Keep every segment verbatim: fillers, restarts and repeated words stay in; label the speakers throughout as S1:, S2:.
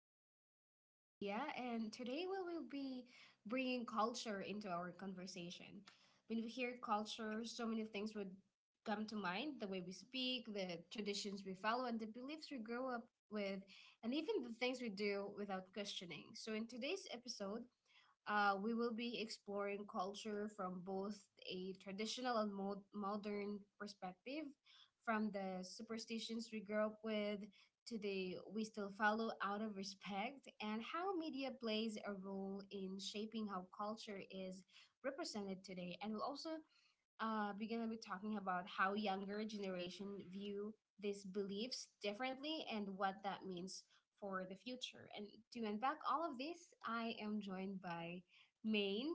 S1: This is still your host, Leah, and today we will be bringing culture into our conversation. When we hear culture, so many things would come to mind, the way we speak, the traditions we follow, and the beliefs we grow up with, and even the things we do without questioning. So, in today's episode, uh, we will be exploring culture from both a traditional and mo- modern perspective, from the superstitions we grew up with to the we still follow out of respect, and how media plays a role in shaping how culture is represented today. And we'll also uh, we're gonna be talking about how younger generation view these beliefs differently and what that means for the future. And to unpack all of this, I am joined by Maine,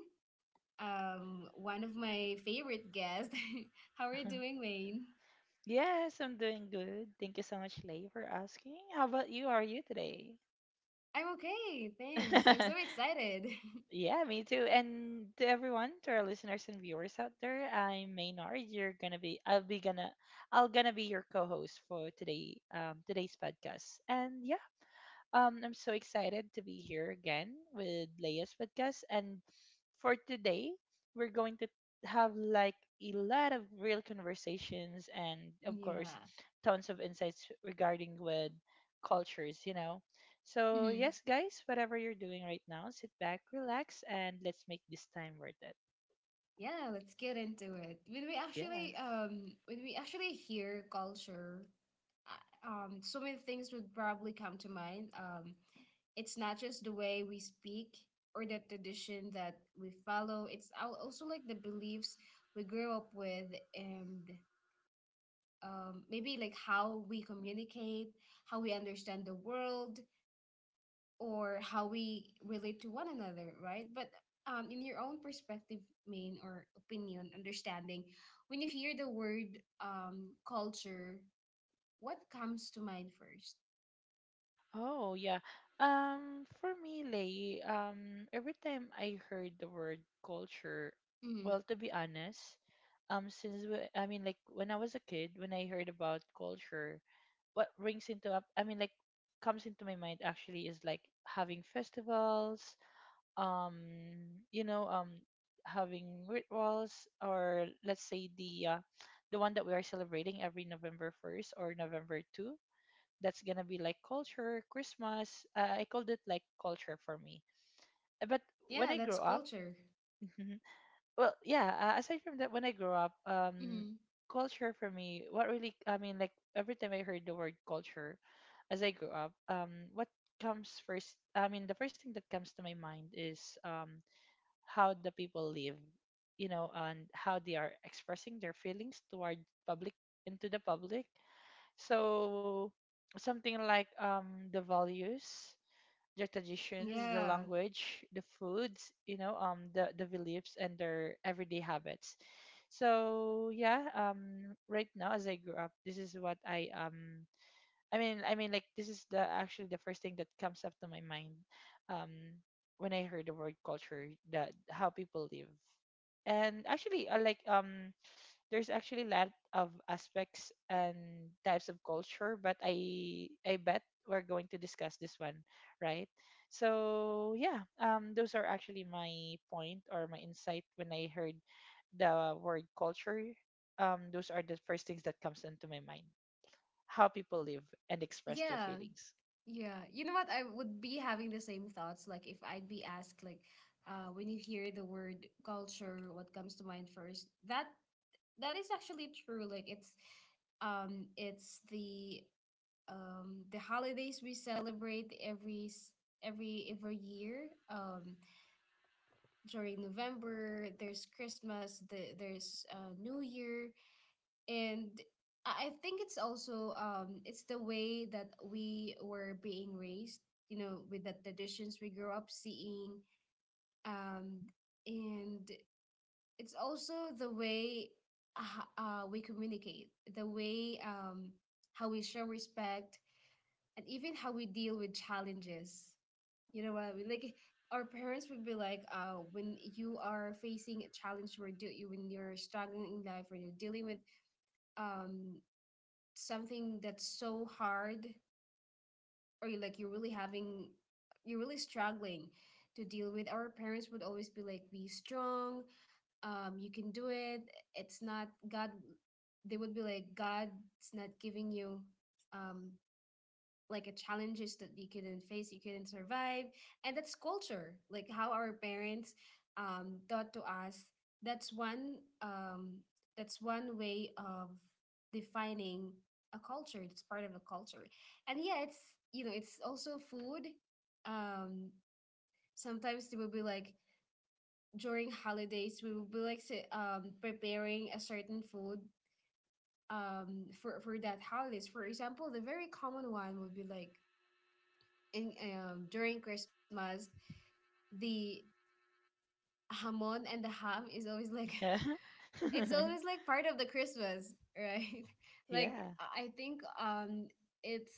S1: um, one of my favorite guests. How are you doing, Maine?
S2: Yes, I'm doing good. Thank you so much, Lay, for asking. How about you? How are you today?
S1: I'm okay, thanks. I'm so excited.
S2: Yeah, me too. And to everyone, to our listeners and viewers out there, I'm Maynard. You're gonna be, I'll be gonna, I'll gonna be your co-host for today, um, today's podcast. And yeah, Um, I'm so excited to be here again with Leia's podcast. And for today, we're going to have like a lot of real conversations and, of
S1: Yeah.
S2: course, tons of insights regarding with cultures, you know. So,
S1: Mm-hmm.
S2: yes, guys, whatever you're doing right now, sit back, relax, and let's make this time worth it.
S1: Yeah, let's get into it. When we
S2: Yeah.
S1: actually um when we actually hear culture, uh, um so many things would probably come to mind. Um it's not just the way we speak or the tradition that we follow. It's al- also like the beliefs we grew up with, and um maybe like how we communicate, how we understand the world, or how we relate to one another, right? But um, in your own perspective, main, or opinion, understanding, when you hear the word um, culture, what comes to mind first?
S2: Oh yeah. Um, for me, Lay, um, every time I heard the word culture,
S1: Mm-hmm.
S2: well, to be honest, um, since we, I mean, like when I was a kid, when I heard about culture, what rings into up, I mean, like comes into my mind actually is like having festivals, um, you know, um, having rituals, or let's say the uh, the one that we are celebrating every November first or November two. That's gonna be like culture, Christmas. Uh, I called it like culture for me. Uh, But when
S1: Yeah,
S2: I
S1: that's
S2: grow up,
S1: culture.
S2: Mhm. Well, yeah. Uh, aside from that, when I grow up, um,
S1: Mm-hmm.
S2: culture for me, what really, I mean, like every time I heard the word culture, as I grew up, um, what comes first? I mean, the first thing that comes to my mind is um how the people live, you know, and how they are expressing their feelings toward public into the public, so something like um the values, their traditions, the
S1: Yeah,
S2: language, the foods, you know, um the the beliefs and their everyday habits. So yeah, um right now as I grew up, this is what I um I mean I mean like this is the actually the first thing that comes up to my mind. Um when I heard the word culture, that how people live. And actually I like um there's actually a lot of aspects and types of culture, but I I bet we're going to discuss this one, right? So yeah, um, those are actually my point or my insight when I heard the word culture. Um, those are the first things that comes into my mind. How people live and express their
S1: yeah,
S2: feelings.
S1: yeah. You know what? I would be having the same thoughts. Like if I'd be asked, like, uh, when you hear the word culture, what comes to mind first? That that is actually true. Like it's um it's the um, the holidays we celebrate every s- every every year. Um, during November, there's Christmas, the, there's uh, New Year, and I I think it's also um, it's the way that we were being raised. You know, with the traditions we grew up seeing, um, and it's also the way uh, uh, we communicate, the way um, how we show respect and even how we deal with challenges. You know what I mean? Like our parents would be like, uh, when you are facing a challenge, or do you, when you're struggling in life, or you're dealing with um something that's so hard, or you like you're really having, you're really struggling to deal with, our parents would always be like, be strong, um you can do it. It's not god, they would be like, god's not giving you um like a challenges that you couldn't face, you couldn't survive. And that's culture, like how our parents um, taught to us. That's one um, that's one way of defining a culture. It's part of a culture. And yeah, it's, you know, it's also food. um, Sometimes they will be like, during holidays we will be like say, um, preparing a certain food um, for, for that holidays. For example, the very common one would be like in um, during Christmas, the hamon and the ham is always like
S2: Yeah,
S1: it's always like part of the Christmas, right? Like
S2: yeah.
S1: I I think um it's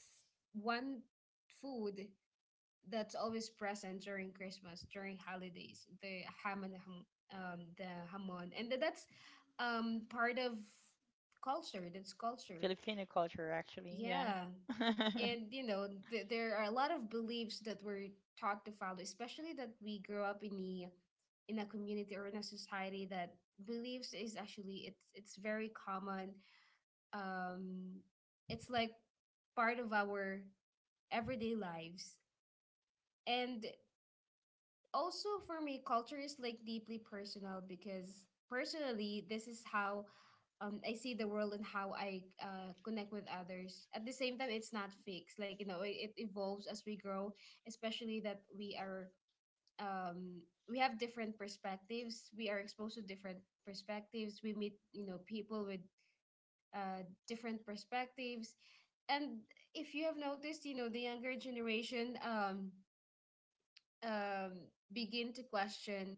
S1: one food that's always present during Christmas, during holidays, the ham and the ham, um the hamon, and tha- that's um part of culture. That's culture.
S2: Filipino culture actually. Yeah,
S1: Yeah. And you know, th- there are a lot of beliefs that we're taught to follow, especially that we grow up in the in a community or in a society that beliefs is actually, it's it's very common. um it's like part of our everyday lives. And also for me, culture is like deeply personal, because personally, this is how um, I see the world and how I uh, connect with others. At the same time, it's not fixed. Like, you know, it, it evolves as we grow, especially that we are um, we have different perspectives, we are exposed to different perspectives, we meet, you know, people with uh, different perspectives. And if you have noticed, you know, the younger generation um, um, begin to question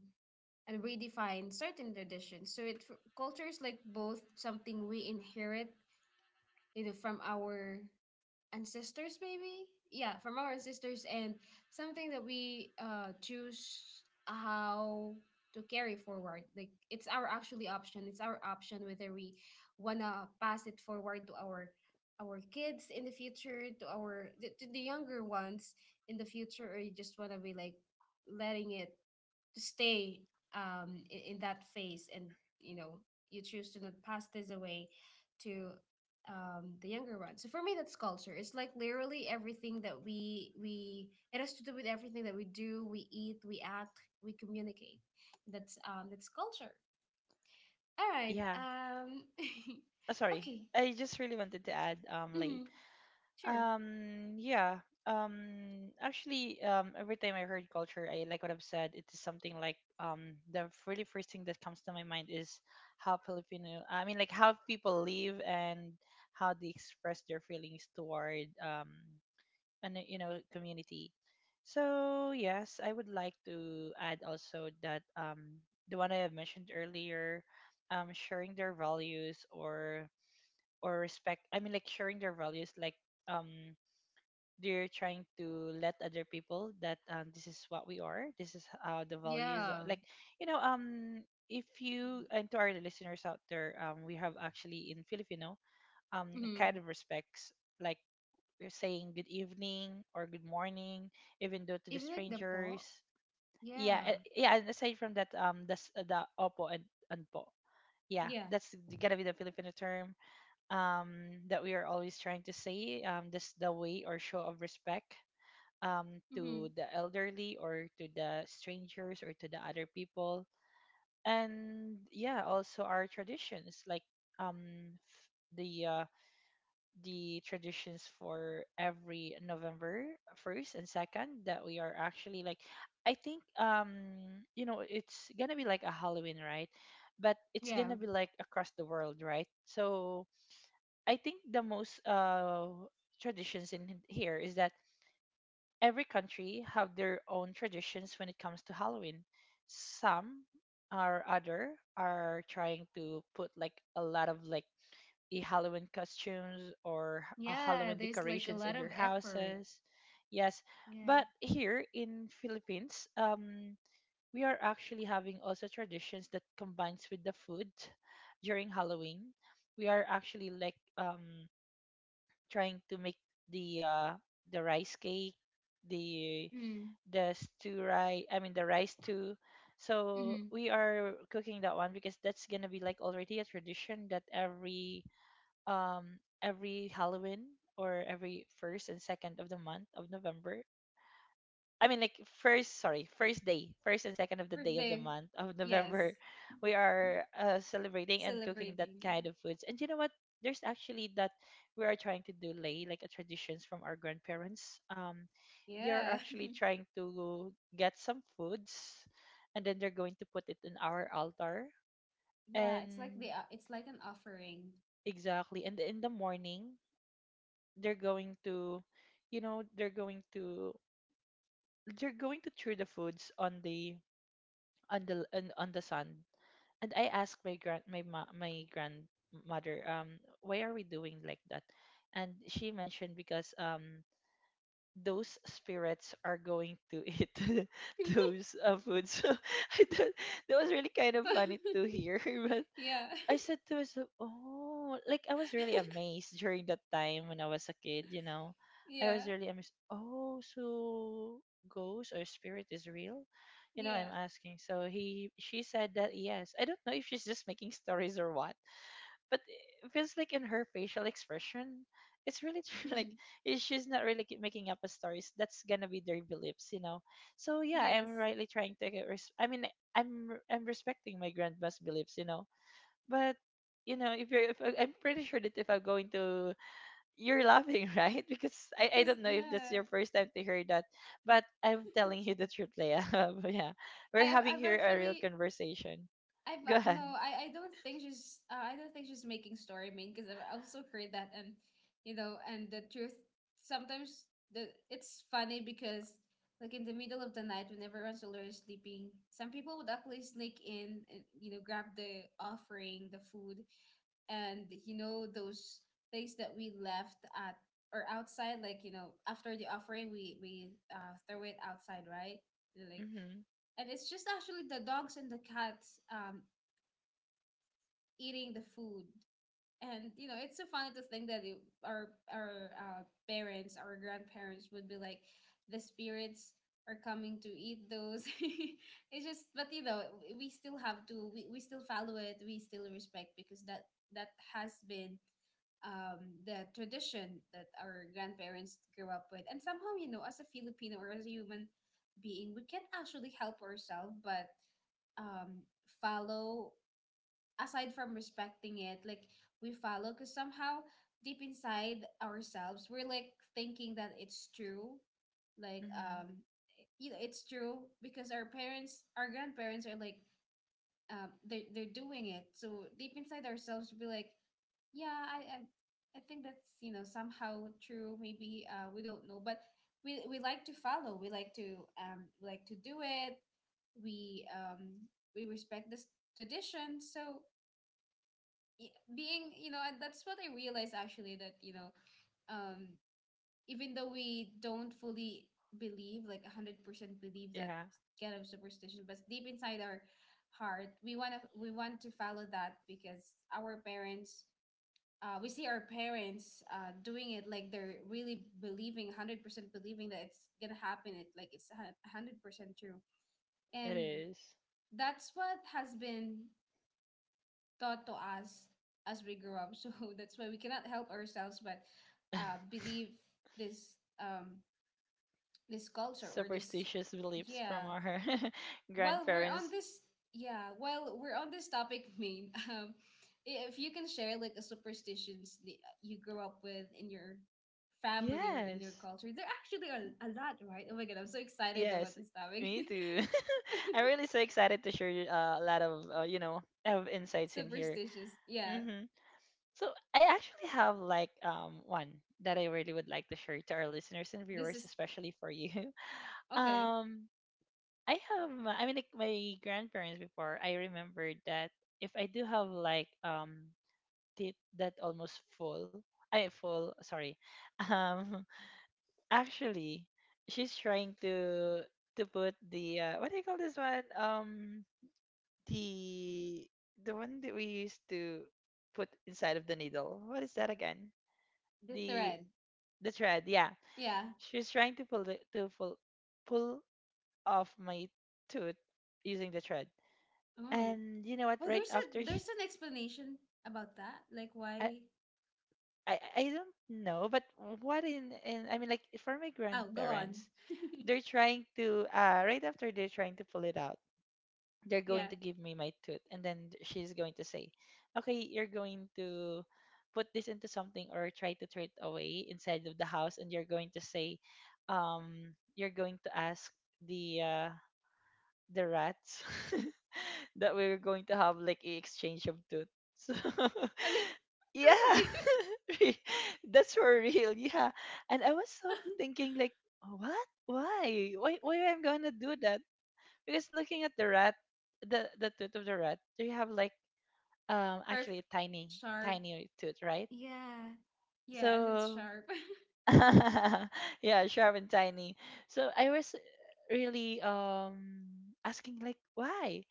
S1: and redefine certain traditions. So it f- culture is like both something we inherit, you know, from our ancestors, maybe yeah from our ancestors, and something that we uh choose how to carry forward. Like it's our actually option, it's our option whether we wanna pass it forward to our our kids in the future, to our the, to the younger ones in the future, or you just wanna be like letting it to stay um, in, in that phase, and you know, you choose to not pass this away to um, the younger one. So for me, that's culture. It's like literally everything that we we it has to do with everything that we do, we eat, we act, we communicate. That's um that's culture. All right.
S2: yeah.
S1: Um
S2: Uh, sorry,
S1: okay.
S2: I just really wanted to add, um, Lay.
S1: Mm-hmm. Sure.
S2: Um, yeah. Um, actually, um, every time I heard culture, I like what I've said. It is something like um, the really first thing that comes to my mind is how Filipino. I mean, like how people live and how they express their feelings toward um, an you know community. So yes, I would like to add also that um, the one I have mentioned earlier, um, sharing their values or or respect. I mean, like sharing their values, like um they're trying to let other people that um, this is what we are, this is uh, the values,
S1: Yeah.
S2: like you know um if you, and to our listeners out there, um we have actually in Filipino um
S1: Mm-hmm.
S2: kind of respects, like we're saying good evening or good morning even though to the
S1: Even like the
S2: strangers.
S1: ball.
S2: Yeah,
S1: Yeah.
S2: a- yeah, and aside from that, um that's uh, the opo and and po. Yeah,
S1: Yeah.
S2: that's gonna be the Filipino term um that we are always trying to say, um that's the way or show of respect, um, to
S1: Mm-hmm.
S2: the elderly or to the strangers or to the other people. And yeah, also our traditions like um, f- the uh, the traditions for every November first and second, that we are actually like, I think um you know it's gonna be like a Halloween, right, but it's
S1: Yeah.
S2: gonna be like across the world, right. So I think the most uh traditions in here is that every country have their own traditions when it comes to Halloween. Some or other are trying to put like a lot of like a Halloween costumes or h- a
S1: Yeah,
S2: Halloween
S1: there's like a
S2: decorations
S1: lot
S2: in
S1: of
S2: their
S1: effort.
S2: houses. Yes,
S1: Yeah.
S2: but here in Philippines, um, we are actually having also traditions that combines with the food during Halloween. We are actually like um trying to make the uh the rice cake, the
S1: Mm.
S2: the stew rice I mean the rice too, so
S1: Mm-hmm.
S2: we are cooking that one because that's gonna be like already a tradition that every um every Halloween, or every first and second of the month of November. I mean, like first, sorry, first day, first and second of the day of the
S1: Birthday.
S2: month of
S1: Yes.
S2: November, we are uh, celebrating and cooking that
S1: Celebrating.
S2: kind of foods. And you know what? There's actually that we are trying to do, Lay, like a traditions from our grandparents. Um, they are
S1: Yeah. Yeah.
S2: actually trying to get some foods, and then they're going to put it in our altar.
S1: Yeah. It's like
S2: And
S1: the o- it's like an offering.
S2: exactly, and in the morning, they're going to, you know, they're going to they're going to throw the foods on the on the on, on the sun. And I asked my grand my ma- my grandmother, um why are we doing like that? And she mentioned because um those spirits are going to eat those uh, foods, so I thought that was really kind of funny to hear. But
S1: Yeah.
S2: I said to myself, oh, like I was really amazed during that time when I was a kid, you know. I was
S1: Yeah.
S2: really amazed. Oh, so ghost or spirit is real? You know,
S1: Yeah.
S2: I'm asking. So he she said that yes. I don't know if she's just making stories or what, but it feels like in her facial expression, it's really true. Like
S1: Mm.
S2: i- she's not really ki- making up a stories. That's gonna be their beliefs, you know. So yeah,
S1: Yes.
S2: I'm rightly trying to get res- I mean, I'm I'm respecting my grandma's beliefs, you know, but you know, if you're, if, I- I'm pretty sure that if I'm going to, you're laughing, right? Because I, I
S1: Cause
S2: don't know if that's
S1: yeah.
S2: your first time to hear that, but I'm telling you the truth, Leah. But yeah,
S1: I
S2: we're
S1: have,
S2: having
S1: I've
S2: here a real
S1: actually,
S2: conversation.
S1: I,
S2: Go
S1: but
S2: ahead.
S1: no, I I don't think she's uh, I don't think she's making story, mean, because I've also heard that. And you know, and the truth, sometimes the, it's funny because like in the middle of the night when everyone's already sleeping, some people would actually sneak in and you know grab the offering, the food, and you know those things that we left at or outside, like you know, after the offering we we uh, throw it outside, right? Like,
S2: Mhm.
S1: and it's just actually the dogs and the cats um eating the food. And you know, it's so funny to think that it, our our uh, parents, our grandparents would be like, the spirits are coming to eat those. It's just, but you know, we still have to, we, we still follow it, we still respect, because that that has been um, the tradition that our grandparents grew up with. And somehow, you know, as a Filipino or as a human being, we can't actually help ourselves but um, follow, aside from respecting it. Like we follow because somehow deep inside ourselves, we're like thinking that it's true. Like,
S2: Mhm.
S1: um, you know, it's true because our parents, our grandparents are like, um, they're, they're doing it. So deep inside ourselves, we'll be like, yeah, I, I, I think that's, you know, somehow true. Maybe, uh, we don't know, but we, we like to follow. We like to, um, we like to do it. We, um, we respect this tradition. So, y- being, you know, and that's what I realized actually, that you know, um even though we don't fully believe like one hundred percent believe that
S2: Yeah,
S1: kind of superstition, but deep inside our heart, we want to, we want to follow that, because our parents, uh, we see our parents uh, doing it. Like they're really believing one hundred percent believing that it's gonna happen, it like it's a one hundred percent true,
S2: it
S1: and
S2: is.
S1: that's what has been taught to us as we grow up. So that's why we cannot help ourselves but uh, believe this um this culture or this.
S2: Superstitious beliefs from
S1: Yeah.
S2: our
S1: While we're on
S2: grandparents.
S1: this, yeah, while we're on this topic, main, um, i- if you can share like a superstitions that you grew up with in your family or in your
S2: Yes.
S1: culture, there actually are a lot, right? Oh my god, I'm so excited about
S2: Yes.
S1: this topic.
S2: Me too. I'm really so excited to share uh, a lot of uh, you know of insights in here.
S1: Superstitious, yeah.
S2: Mm-hmm. So I actually have like um one that I really would like to share to our listeners and
S1: This
S2: viewers,
S1: is
S2: especially for you.
S1: okay.
S2: Um, I have my- I mean like my grandparents before. I remember that if I do have like um teeth that almost full, I full sorry, um actually she's trying to to put the uh, what do you call this one, um the the one that we used to put inside of the needle. What is that again?
S1: The
S2: the
S1: thread,
S2: the thread. Yeah,
S1: yeah.
S2: she was trying to pull the, to pull pull off my tooth using the thread.
S1: Oh.
S2: And you know what?
S1: Oh,
S2: Right
S1: there's a,
S2: after she,
S1: there's an explanation about that. Like
S2: I,
S1: why?
S2: I I don't know, but what in in I mean like for my
S1: Oh, go on.
S2: grandparents, they're trying to uh right after they're trying to pull it out, they're going
S1: Yeah.
S2: to give me my tooth, and then she's going to say, "Okay, you're going to put this into something or try to throw it away inside of the house, and you're going to say, um you're going to ask the uh, the rats that we were going to have like a exchange of tooths."
S1: And then-
S2: Yeah,
S1: really?
S2: re- that's for real. Yeah, and I was so thinking like, what? Why? Why? Why am I gonna do that? Because looking at the rat, the the tooth of the rat, they have like um
S1: Perf,
S2: actually a tiny
S1: sharp.
S2: tiny tooth, right?
S1: Yeah. Yeah, and it's
S2: So.
S1: sharp.
S2: Yeah, sharp and tiny. So I was really um asking like why?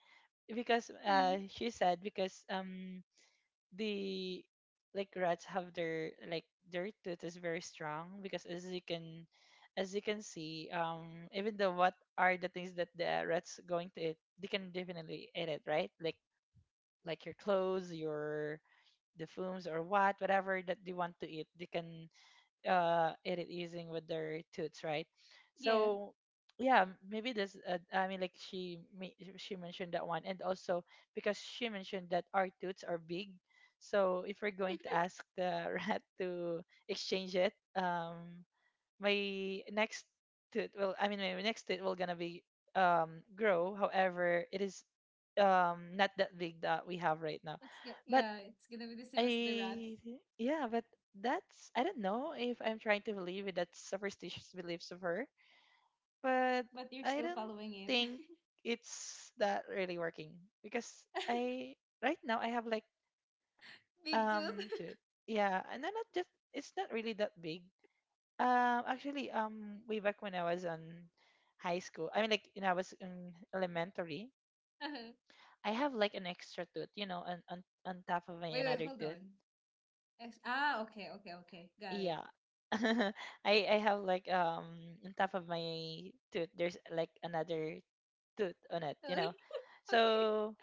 S2: Because
S1: Mm,
S2: uh she said because um the like rats have their like their tooth is very strong because as you can, as you can see, um even though what are the things that the rats going to eat they can definitely eat it, right? like like your clothes, your the fumes or what whatever that they want to eat they can uh, eat it using with their tooths, right?
S1: yeah.
S2: So yeah, maybe this. Uh, I mean, like she me- she mentioned that one, and also because she mentioned that our tooths are big, so if we're going to ask the rat to exchange it, um, my next tooth will. I mean, my next tooth will gonna be um grow. However, it is um not that big that we have right now,
S1: It's g-
S2: but
S1: yeah, it's gonna be the same as the rats,
S2: I yeah, but that's I don't know if I'm trying to believe in that superstitious beliefs of her, but
S1: but you're
S2: I
S1: still
S2: don't
S1: following it.
S2: think it's that really working because I right now I have like
S1: Big
S2: um two,
S1: tooth.
S2: yeah, and then not just it's not really that big. Um, actually, um, way back when I was on high school, I mean, like when I was in elementary,
S1: Uh-huh.
S2: I have like an extra tooth, you know, on on on top of my
S1: Wait, wait,
S2: another
S1: hold
S2: tooth.
S1: on. Ex- ah, okay, okay, okay. Got it.
S2: Yeah. I I have like um on top of my tooth there's like another tooth on it, you know.
S1: Okay.
S2: So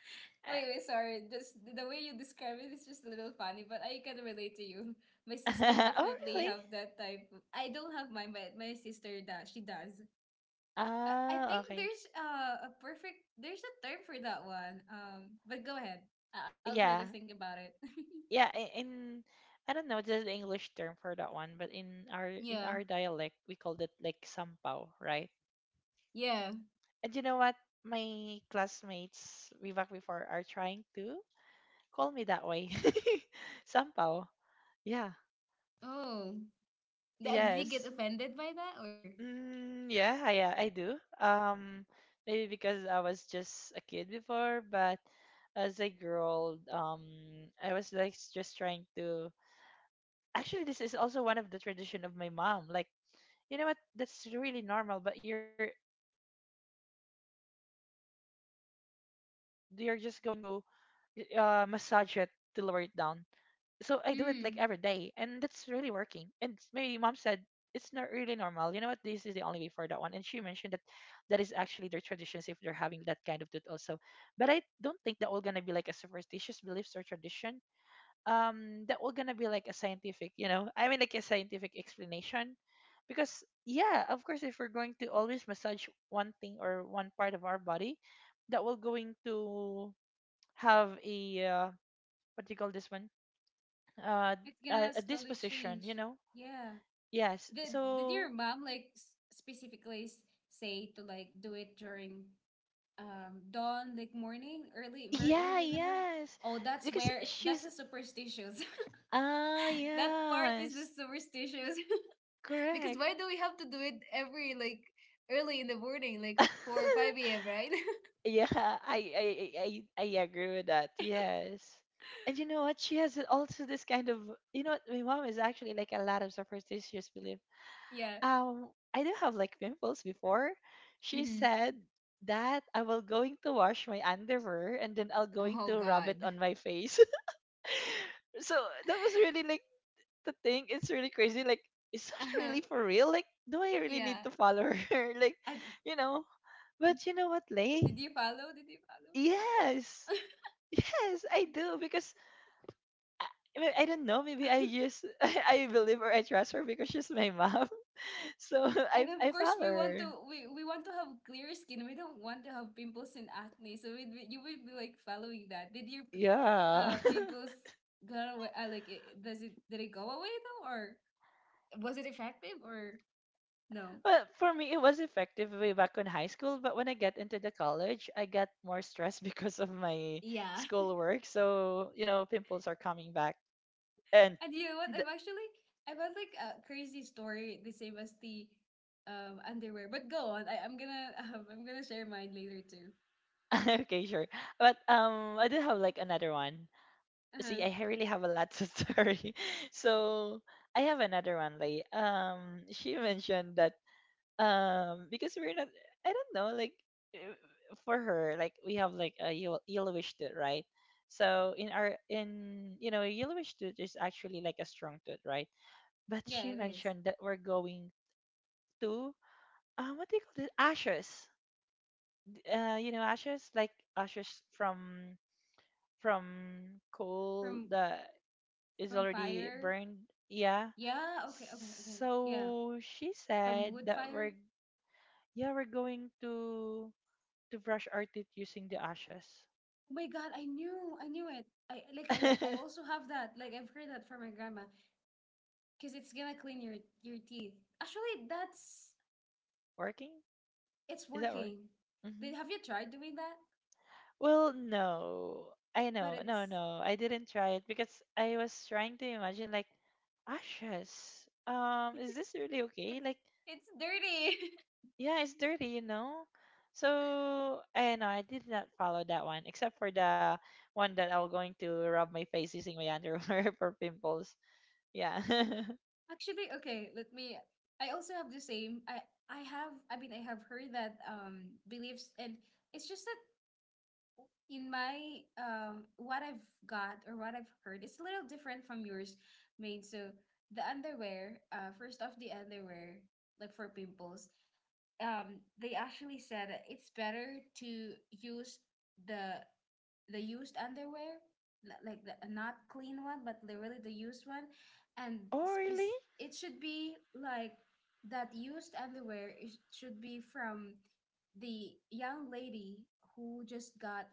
S1: Wait, wait, sorry. Just the the way you describe it is just a little funny, but I can relate to you. My sister
S2: uh, oh,
S1: definitely
S2: really?
S1: have that type. Of- I don't have mine, but my sister does. She does. I, I
S2: Ah,
S1: think
S2: okay.
S1: there's uh, a perfect, there's a term for that one. Um, but go ahead. I, I'll try to
S2: Yeah.
S1: think about it.
S2: Yeah, I- in I don't know the English term for that one, but in our in
S1: Yeah.
S2: our dialect we called it like sampaw, right?
S1: Yeah.
S2: And you know what? My classmates way back before are trying to call me that way. Sampaw. Yeah.
S1: Oh. Th- did you
S2: Yes.
S1: get offended by that, or?
S2: Mm, yeah, I, uh, I do. Um, maybe because I was just a kid before, but as I grew old, um, I was like s- just trying to. Actually, this is also one of the tradition of my mom. Like, you know what? That's really normal, but you're you're just going to uh massage it to lower it down, so I do it like every day, and that's really working. And s-
S1: Hmm.
S2: my mom said it's not really normal. You know what? This is the only way for that one. And she mentioned that that is actually their traditions if they're having that kind of tooth also. But I don't think they're all gonna be like a superstitious beliefs or tradition um that will gonna be like a scientific, you know, I mean, like a scientific explanation, because yeah, of course, if we're going to always massage one thing or one part of our body, that will going to have a uh, what do you call this one uh
S1: It's
S2: a,
S1: gonna
S2: a
S1: slowly
S2: disposition, you
S1: change.
S2: know.
S1: Yeah.
S2: Yes,
S1: Did Did
S2: so
S1: your mom like s- specifically s- say to like do it during um dawn, like morning, early, very
S2: yeah,
S1: early in the morning?
S2: yes,
S1: Oh, that's
S2: because
S1: where, that's
S2: she's,
S1: the superstitious
S2: ah,
S1: that part is the
S2: yes,
S1: superstitious. Because
S2: correct.
S1: why do we have to do it every like early in the morning, like four or five a m, right?
S2: Yeah, I, I I I I agree with that. Yes. And you know what? She has also this kind of, you know what? My mom is actually like a lot of superstitious belief.
S1: Yeah.
S2: Um, I do have like pimples before. She
S1: Mm-hmm.
S2: said that I will going to wash my underwear and then I'll going
S1: Oh
S2: to rub
S1: God.
S2: it on my face. So that was really like the thing. It's really crazy. Like, is that
S1: Uh-huh.
S2: really for real? Like, do I really need
S1: Yeah.
S2: to follow her? Like,
S1: I, did
S2: you know. But you know what, Lay?
S1: you follow did you follow
S2: Yes. Yes, I do because I, I I don't know. Maybe I just I, believe or I trust her because she's my mom. So
S1: And
S2: I
S1: of
S2: I
S1: course,
S2: follow
S1: we want
S2: her.
S1: to we, we want to have clear skin. We don't want to have pimples and acne. So we we- you would be like following that. Did your p-
S2: Yeah.
S1: uh pimples go away? Uh, like I- does it did it go away though, or was it effective or no?
S2: Well, for me, it was effective way back in high school, but when I get into the college, I got more stressed because of my
S1: Yeah.
S2: schoolwork. So you know, pimples are coming back, and
S1: And you know what?
S2: the,
S1: I've actually I've had like a crazy story the same as the um underwear. But go on. I I'm gonna um, I'm gonna share mine later too.
S2: okay, sure. But um, I do have like another one.
S1: Uh huh.
S2: See, i ha- really have a lot to story. So I have another one. Like, um she mentioned that um because we're not, I don't know, like, uh, for her, like, we have like a yel- yellowish tooth, right? So in our, in, you know, yellowish tooth is actually like a strong tooth, right? But
S1: Yeah,
S2: she
S1: it is.
S2: mentioned that we're going to, um what do you call it, ashes, uh you know, ashes, like ashes from from coal,
S1: from
S2: the is
S1: from
S2: already
S1: fire.
S2: burned. Yeah.
S1: Yeah. Okay. Okay. Okay. Yeah,
S2: So she
S1: from
S2: said
S1: wood
S2: that
S1: fire.
S2: we're, yeah, we're going to to brush our teeth using the ashes.
S1: Oh my God, I knew, I knew it. I like I I also have that. Like I've heard that from my grandma because it's gonna clean your your teeth. Actually, that's
S2: Working?
S1: It's
S2: Is that working?
S1: working.
S2: Hmm.
S1: Did, have you tried doing that?
S2: Well, no. I
S1: But
S2: know.
S1: it's
S2: No, no. I didn't try it because I was trying to imagine like ashes. Um, is this really
S1: It's
S2: okay? Like,
S1: it's dirty.
S2: yeah, it's dirty, you know. So I know I did not follow that one, except for the one that I was going to rub my face using my underwear for pimples. Yeah.
S1: Actually, okay, let me. I also have the same. I I have. I mean, I have heard that um beliefs, and it's just that in my um what I've got or what I've heard, it's a little different from yours, Main. So the underwear, uh, first off the underwear, like for pimples, um, they actually said that it's better to use the the used underwear, li- like the a not clean one, but literally the used one, and
S2: Oh, really?
S1: spec- it should be like that used underwear. It should be from the young lady who just got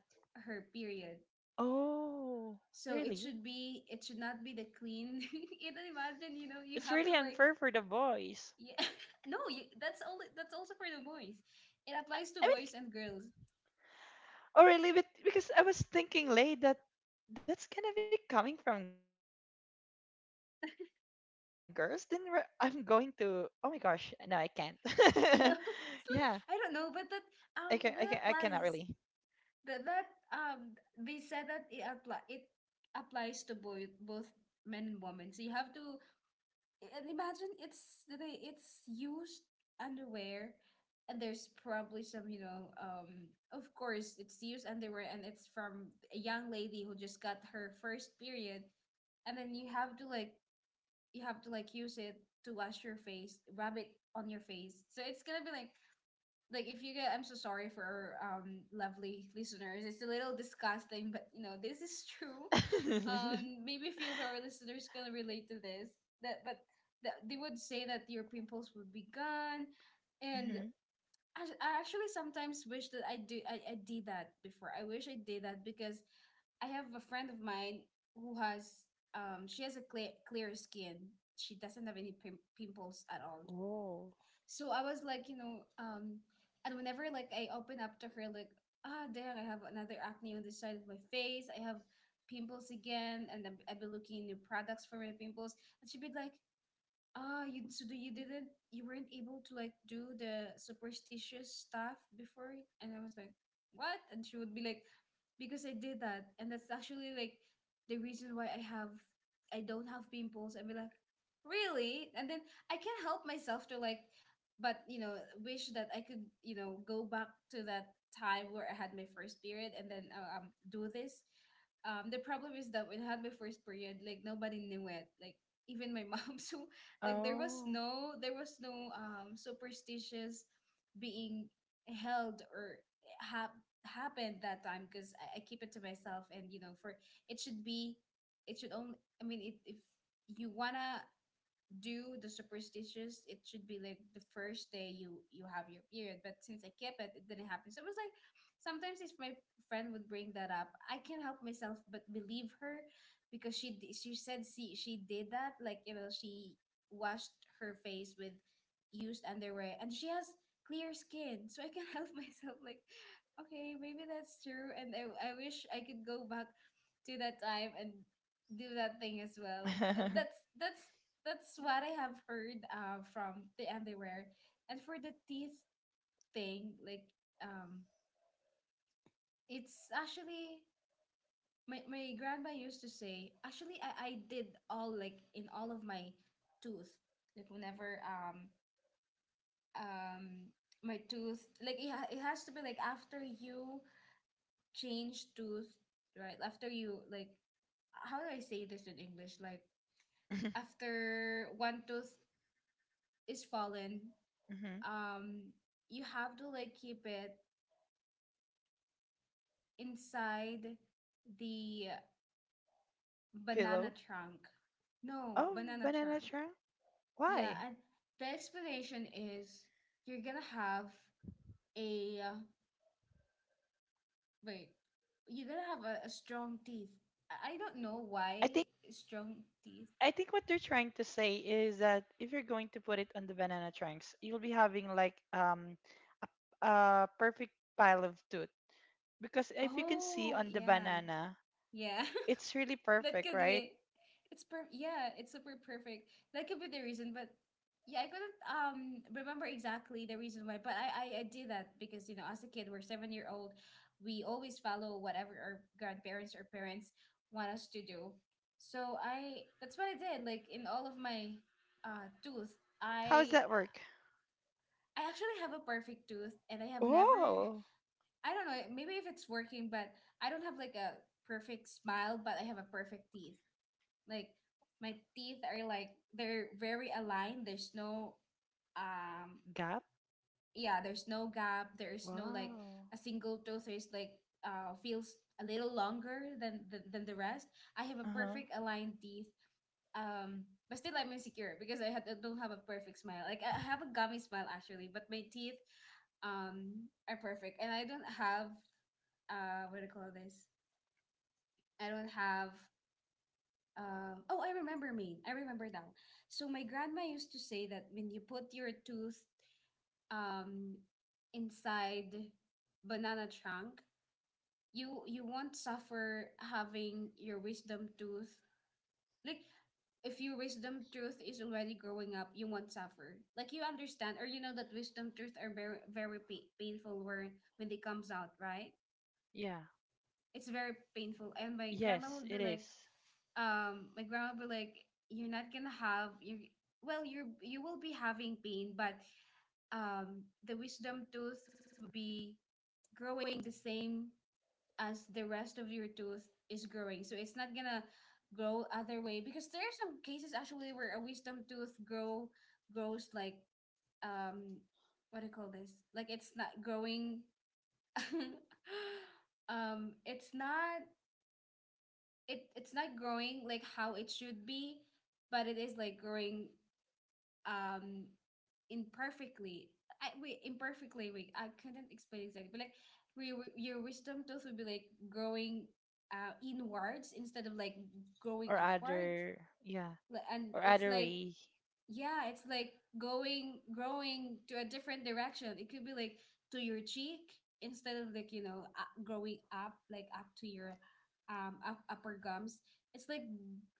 S1: her period.
S2: Oh,
S1: So it should
S2: really?
S1: be, it should not be the clean. You know, imagine, you know, you
S2: It's
S1: have
S2: really
S1: to like,
S2: unfair for the boys.
S1: yeah, no, you, that's only that's also for the boys. It applies to
S2: I mean,
S1: boys
S2: like,
S1: and girls.
S2: oh, really? But because I was thinking late that that's gonna be coming from girls. Then re- I'm going to, oh my gosh, no, I can't. Yeah,
S1: No,
S2: I can. I
S1: it's
S2: can. I
S1: like I
S2: cannot
S1: don't know,
S2: really.
S1: but that um that applies. That that um they said that it apply it applies to boy, both men and women. So you have to, and imagine it's the, it's used underwear, and there's probably some, you know, um of course it's used underwear and it's from a young lady who just got her first period, and then you have to like, you have to like use it to wash your face, rub it on your face. So it's gonna be like like if you get, I'm so sorry for our um lovely listeners. It's a little disgusting, but you know, this is true. Um maybe a few of our listeners gonna relate to this. That, but that they would say that your pimples would be gone. And
S2: Mm-hmm.
S1: I, I actually sometimes wish that I do I, I did that before. I wish I did that because I have a friend of mine who has, um she has a clear, clear skin. She doesn't have any pim- pimples at all.
S2: Oh.
S1: So I was like, you know, um, and whenever like I open up to her, like, ah, dang, I have another acne on this side of my face. I have pimples again, and I've, I've been looking new products for my pimples, and she'd be like, ah, you so do- you didn't you weren't able to like do the superstitious stuff before? And I was like, what? And she would be like, because I did that, and that's actually like the reason why I have I don't have pimples. I'd be like, really? And then I can't help myself to like, but you know, wish that I could, you know, go back to that time where I had my first period and then uh, um do this. Um, the problem is that when I had my first period, like nobody knew it, like even my mom. So like there was
S2: Oh.
S1: no, there was no um superstitious being held or ha- happened that time because I, I keep it to myself, and you know for, it should be, it should only, I mean, it, if you wanna do the superstitious, it should be like the first day you, you have your period. But since I kept it, it didn't happen. So it was like, sometimes if my friend would bring that up, I can't help myself but believe her because she d- she said she she did that, like you know, she washed her face with used underwear and she has clear skin. So I can not help myself like, okay, maybe that's true. and i, I wish I could go back to that time and do that thing as well. And that's that's that's what I have heard, uh, from the underwear. And for the teeth thing, like, um, it's actually my my grandma used to say. Actually, I I did all, like in all of my tooth. Like whenever um um my tooth like it, ha- it has to be like after you change tooth, right after you like, how do I say this in English? Like after one tooth is fallen,
S2: Hmm.
S1: um, you have to like keep it inside the banana
S2: Pillow.
S1: trunk. No,
S2: Oh,
S1: banana
S2: banana
S1: trunk.
S2: trunk.
S1: Yeah,
S2: Why?
S1: and the explanation is, you're gonna have a uh, wait, you're gonna have a, a strong teeth. I I don't know
S2: I
S1: why.
S2: think
S1: Strong teeth.
S2: I think what they're trying to say is that if you're going to put it on the banana trunks, you'll be having like um a, a perfect pile of tooth, because if you can see
S1: Oh,
S2: on the
S1: yeah,
S2: banana,
S1: yeah.
S2: it's really
S1: That
S2: perfect,
S1: could
S2: right?
S1: be. It's per Yeah, it's super perfect. That could be the reason, but yeah, I couldn't um remember exactly the reason why, but I I, I did that because, you know, as a kid we're seven year old, we always follow whatever our grandparents or parents want us to do. So I that's what I did. Like in all of my uh tooth,
S2: How does
S1: I
S2: that work?
S1: I actually have a perfect tooth, and I have never,
S2: Oh,
S1: I don't know maybe if it's working, but I don't have like a perfect smile, but I have a perfect teeth. Like my teeth are like, they're very aligned. There's no um
S2: gap.
S1: yeah, there's no gap. There's no like
S2: Wow.
S1: a single tooth is like uh feels a little longer than than, than the rest. I have a
S2: Uh huh.
S1: perfect aligned teeth. Um, but still I'm insecure because I had, don't have a perfect smile. Like I have a gummy smile actually, but my teeth um are perfect, and I don't have uh what do you call this? I don't have, Um, oh, I remember me. I remember now. So my grandma used to say that when you put your tooth um inside banana trunk, you you won't suffer having your wisdom tooth. Like if your wisdom tooth is already growing up, you won't suffer. Like you understand or you know that wisdom tooth are very very pa- painful where when they comes out, right?
S2: Yeah.
S1: It's very painful. And my grandma
S2: Yes,
S1: would be
S2: it
S1: like,
S2: is.
S1: um, my grandma would be like, you're not gonna have you. Well, you you will be having pain, but um, the wisdom tooth will be growing the same as the rest of your tooth is growing. So it's not gonna grow other way because there are some cases actually where a wisdom tooth grow grows like um what do you call this? Like it's not growing um it's not, it it's not growing like how it should be, but it is like growing um imperfectly. I we Imperfectly, we I couldn't explain exactly, but like we, we your wisdom tooth would be like growing uh inwards instead of like growing
S2: Or
S1: upwards.
S2: other. Yeah.
S1: Li- And
S2: Or
S1: it's
S2: other
S1: like,
S2: way.
S1: yeah, it's like going, growing to a different direction. It could be like to your cheek instead of like, you know, uh, growing up like up to your um up, upper gums. It's like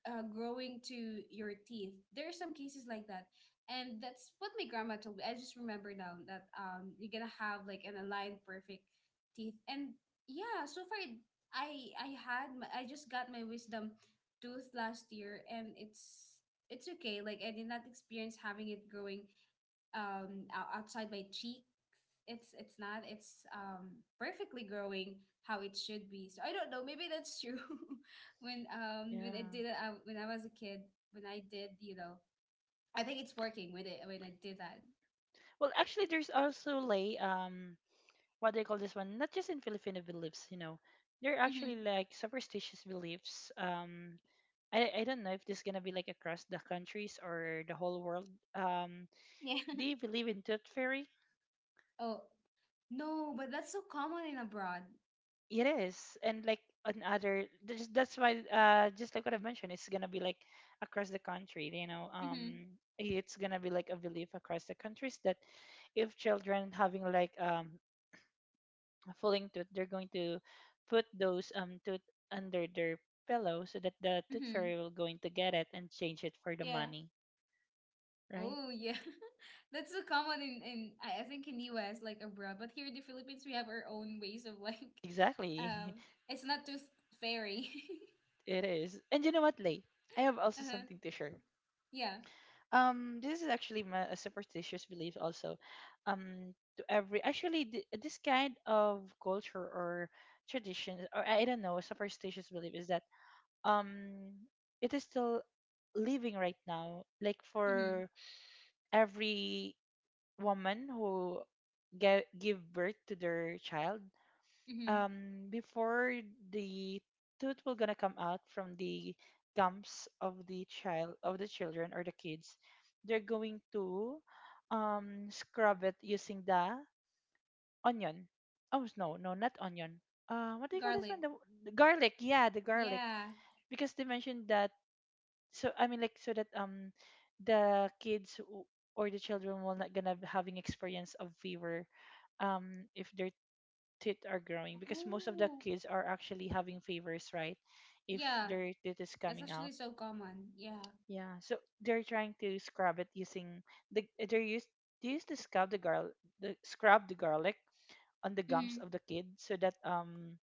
S1: uh, growing to your teeth. There are some cases like that, and that's what my grandma told me. I just remember now that um you're gonna have like an aligned perfect teeth. And yeah, so far, i i had my, I just got my wisdom tooth last year, and it's it's okay. Like I did not experience having it growing um ou- outside my cheek. It's it's not. It's um perfectly growing how it should be. So I don't know. Maybe that's true. When um when I
S2: Yeah.
S1: did it, uh, when I was a kid, when I did, you know, I think it's working with it when I did that.
S2: Well, actually, there's also like um, what do you call this one? Not just in Filipino beliefs, you know, there are
S1: Mm-hmm.
S2: actually like superstitious beliefs. Um, I I don't know if this is gonna be like across the countries or the whole world. Um,
S1: Yeah.
S2: do you believe in tooth fairy?
S1: Oh no, but that's so common in abroad.
S2: It is, and like on other, there's, that's why uh, just like what I have mentioned, it's gonna be like across the country. You know,
S1: Mm-hmm.
S2: um, it's gonna be like a belief across the countries that if children having like um falling tooth, they're going to put those um tooth under their pillow so that the tooth
S1: Mm-hmm.
S2: fairy will going to get it and change it for the money, right?
S1: Oh yeah, that's so common in in I I think in U S like abroad, but here in the Philippines we have our own ways of like,
S2: Exactly.
S1: um, it's not tooth fairy.
S2: It is. And you know what, Lay? I have also
S1: uh,
S2: something to share.
S1: yeah.
S2: Um, this is actually my, a superstitious belief also. Um, to every actually, th- this kind of culture or tradition or I don't know superstitious belief is that um it is still living right now. Like,
S1: Mhm.
S2: for every woman who ge- give birth to their child,
S1: Mhm.
S2: um before the tooth will gonna come out from the gums of the child, of the children or the kids, they're going to um scrub it using the onion, oh no, no, not onion, uh what do you call this one,
S1: Garlic.
S2: the, the garlic, yeah, the garlic,
S1: Yeah.
S2: because they mentioned that, so I mean like, so that um the kids w- or the children will not gonna be having experience of fever, um if their teeth are growing, because most of the
S1: Oh.
S2: kids are actually having fevers, right, if
S1: Yeah,
S2: their teeth is
S1: that's
S2: coming
S1: actually
S2: out.
S1: so common. Yeah.
S2: Yeah, so they're trying to scrub it using the, they're used, they used to scrub the garlic, the scrub the garlic on the gums
S1: Mhm.
S2: of the kid, so that um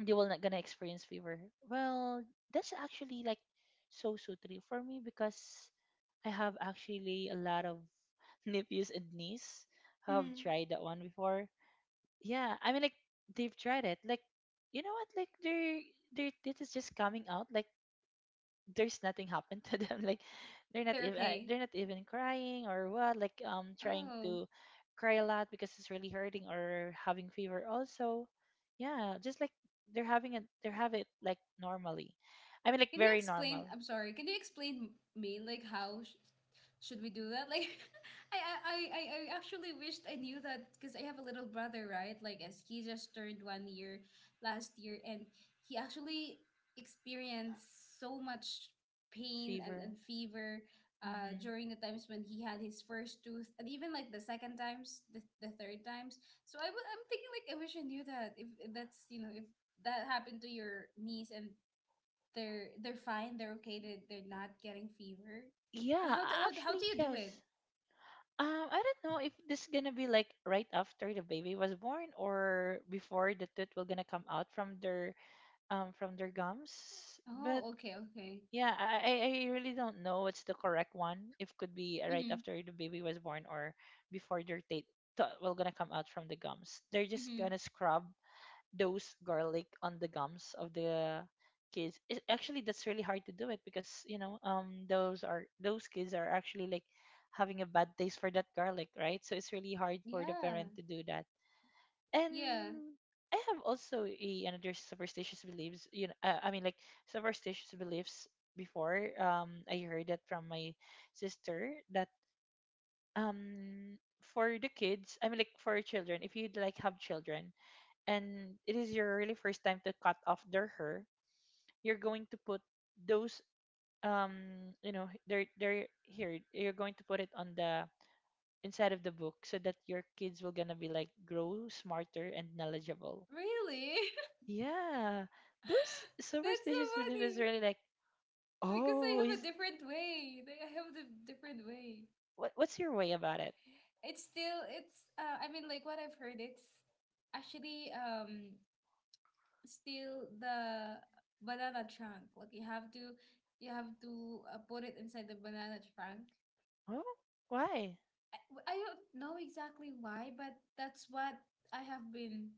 S2: they will not gonna experience fever. Well, that's actually like so so true for me, because I have actually a lot of nephews and niece who have
S1: Mhm.
S2: tried that one before. Yeah, I mean, like, they've tried it. Like, you know what? Like, they're they're, it is just coming out. Like, there's nothing happened to them. Like, they're not
S1: They're
S2: even uh,
S1: okay.
S2: they're not even crying or what. Like um trying
S1: Oh.
S2: to cry a lot because it's really hurting or having fever also. Yeah, just like they're having it, they have it like normally. I mean, like
S1: Can you
S2: very
S1: explain?
S2: normal
S1: I'm sorry. Can you explain me like how sh- should we do that? Like, I I I I I actually wished I knew that because I have a little brother, right? Like, as he just turned one year last year, and he actually experienced so much pain and
S2: fever.
S1: and fever. Uh,
S2: Mm-hmm.
S1: during the times when he had his first tooth, and even like the second times, the, the third times. So I w- I'm thinking like I wish I knew that if if that's you know if that happened to your niece and they're they're fine, they're okay, they're, they're not getting fever. But
S2: Yeah,
S1: how, do- how do- how
S2: actually,
S1: do you do
S2: yes.
S1: it?
S2: Um, I don't know if this is gonna be like right after the baby was born or before the tooth will gonna come out from their um from their gums. But
S1: Oh, okay, okay.
S2: yeah, I I I really don't know what's the correct one. If could be right
S1: Mhm.
S2: after the baby was born or before their teeth to- will gonna come out from the gums. They're just
S1: Mhm.
S2: gonna scrub those garlic on the gums of the kids, it, actually that's really hard to do it because you know um those are, those kids are actually like having a bad taste for that garlic, right? So it's really hard for the
S1: Yeah.
S2: parent to do that. And
S1: Yeah.
S2: i have also a, another superstitious beliefs, you know, uh, I mean, like superstitious beliefs before, um I heard that from my sister that um for the kids, I mean, like for children, if you like have children and it is your really first time to cut off their hair, you're going to put those um you know, they're they're here, you're going to put it on the inside of the book so that your kids will gonna be like grow smarter and knowledgeable.
S1: Really?
S2: Yeah, those
S1: That's so
S2: superstitious belief is
S1: funny
S2: really like,
S1: because I
S2: oh,
S1: have a
S2: is,
S1: different way. Like, I have a different way.
S2: what, what's your way about it?
S1: It's still it's uh I mean like what I've heard, it's actually um still the banana trunk. Like you have to you have to uh, put it inside the banana trunk.
S2: Oh, why?
S1: I I don't know exactly why, but that's what I have been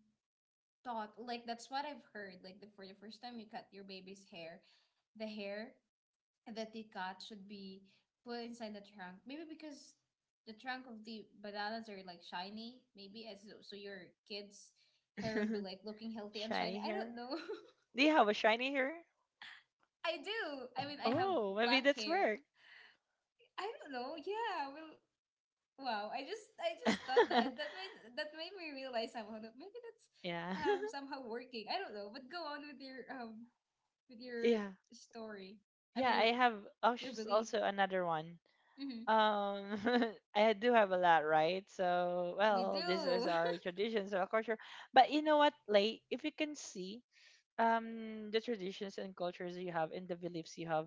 S1: taught. Like, that's what I've heard. Like, the for the first time you cut your baby's hair, the hair that they cut should be put inside the trunk. Maybe because the trunk of the bananas are like shiny. Maybe as so your kid's hair would be like looking healthy and shiny.
S2: Shiny
S1: I
S2: hair?
S1: don't know.
S2: Do you have a shiny hair?
S1: I do. I mean, I have
S2: Oh, maybe
S1: black
S2: that's
S1: hair.
S2: work.
S1: I don't know. Yeah. Well, wow, I just I just thought that that made that made me realize somehow that maybe that's
S2: Yeah.
S1: um somehow working. I don't know, but go on with your um with your
S2: Yeah,
S1: story. I mean,
S2: Yeah,
S1: your
S2: I have
S1: your
S2: als-
S1: belief.
S2: also another one.
S1: Mm-hmm.
S2: Um, I do have a lot, right? So,
S1: We
S2: well, this is
S1: do.
S2: our traditions or culture. But you know what, Lay, if you can see um the traditions and cultures you have and the beliefs you have,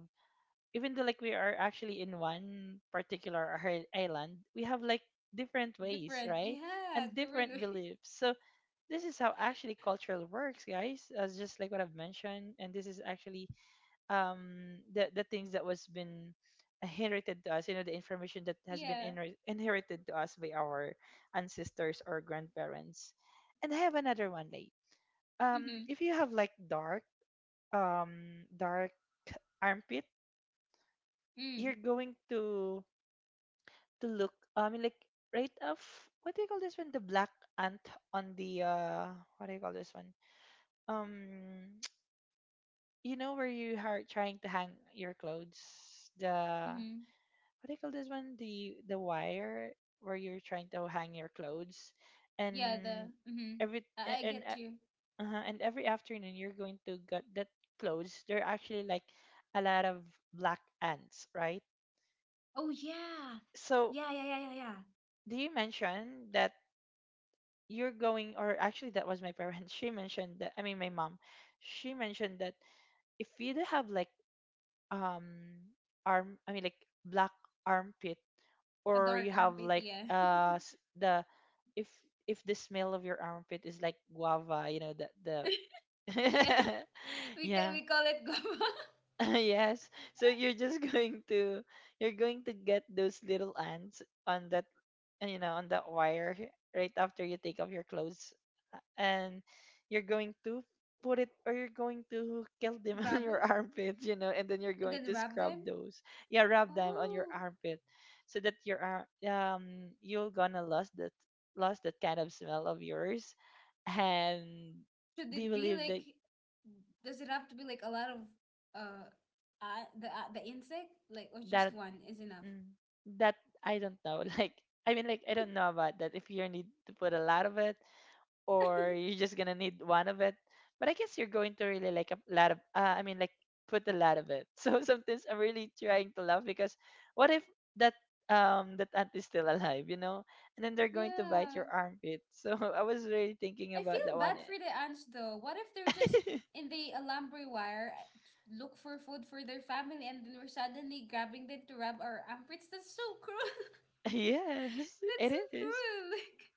S2: even though like we are actually in one particular i- island, we have like different ways,
S1: Different.
S2: right?
S1: Yeah,
S2: And
S1: different
S2: different
S1: way.
S2: beliefs. So this is how actually culture works, guys. As just like what I've mentioned, and this is actually um the the things that was been inherited to us, you know the information that has
S1: Yeah.
S2: been inher- inherited to us by our ancestors or grandparents. And I have another one, like,
S1: Mm-hmm.
S2: um if you have like dark, um dark armpit, you're
S1: Mm.
S2: going to to look, uh, I mean, like, right of — what do you call this one? The black ant on the uh what do you call this one? um you know, where you are trying to hang your clothes, the —
S1: Mm-hmm.
S2: what do you call this one? The the wire where you're trying to hang your clothes.
S1: Yeah. The.
S2: And
S1: Mm-hmm.
S2: every
S1: I,
S2: a-
S1: I
S2: and
S1: get
S2: uh,
S1: you.
S2: uh and every afternoon you're going to get that clothes. There are actually like a lot of black ants, right?
S1: Oh yeah.
S2: So
S1: Yeah. Yeah. Yeah. Yeah. Yeah.
S2: do you mention that you're going, or actually that was my parents. She mentioned that. I mean, my mom. She mentioned that if you do have like um arm, I mean like black armpit,
S1: A
S2: or
S1: dark
S2: you have
S1: armpit.
S2: like
S1: Yeah.
S2: uh s- the if if the smell of your armpit is like guava, you know, the the
S1: Yeah. We ca-
S2: yeah.
S1: we call it guava.
S2: Yes. So you're just going to you're going to get those little ants on that, uh, you know, on that wire right after you take off your clothes, uh, and you're going to put it, or you're going to kill them on
S1: Rub
S2: your
S1: it.
S2: armpits, you know, and then you're
S1: And
S2: going
S1: then
S2: to
S1: rub
S2: scrub
S1: them.
S2: those, yeah, rub them on your
S1: Oh,
S2: armpit, so that your ar- um you're gonna lose that, lost that kind of smell of yours. And
S1: should
S2: do you
S1: it be
S2: believe that?
S1: like, does it have to be like a lot of uh, uh the uh, the insect, like, or just
S2: that
S1: one is enough?
S2: mm, that I don't know. Like, I mean like I don't know about that, if you need to put a lot of it, or you're just gonna need one of it. But I guess you're going to really like a lot of, uh, I mean, like put a lot of it. So sometimes I'm really trying to laugh because what if that um that ant is still alive, you know? And then they're going to bite
S1: Yeah.
S2: your armpit. So I was really thinking
S1: I
S2: about
S1: feel
S2: that one.
S1: bad for the ants though. What if they're just in the alambre wire, uh, look for food for their family, and then we're suddenly grabbing them to rub our armpits? That's so cruel.
S2: Yes,
S1: That's
S2: it
S1: so
S2: is.
S1: cruel. Like,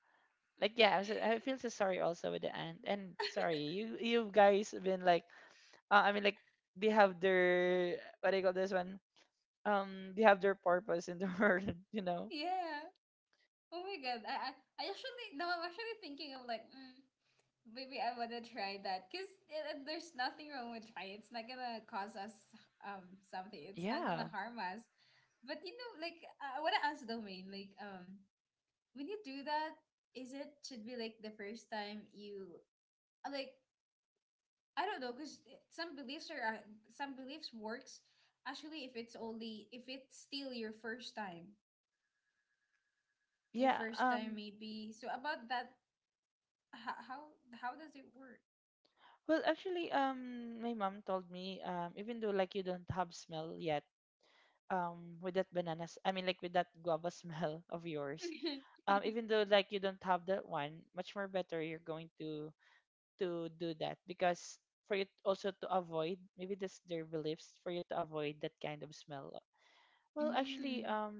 S2: Like, yeah, I'm so — I feel so sorry also with the ant. And sorry, you you guys have been like, uh, I mean like they have their — what do you call this one? Um they have their purpose in the world, you know.
S1: yeah. Oh my God, I, I I actually, no, I'm actually thinking of like, mm, maybe I wanna try that because there's nothing wrong with trying. It's not gonna cause us um something. It's not gonna
S2: Yeah,
S1: harm us. But you know, like I I wanna ask Domain, like, um when you do that, is it should be like the first time you uh, like, I don't know, cause eh, some beliefs are uh, some beliefs works actually if it's only if it's still your first time, your
S2: yeah.
S1: first time
S2: Um
S1: maybe. So about that, how how, how does it work?
S2: well, actually, um my mom told me, um even though like you don't have smell yet, um with that bananas, I mean like with that guava smell of yours, um even though like you don't have that one, much more better you're going to to do that, because for you also to avoid — maybe that's their beliefs, for you to avoid that kind of smell. Well, actually,
S1: Mm,
S2: um,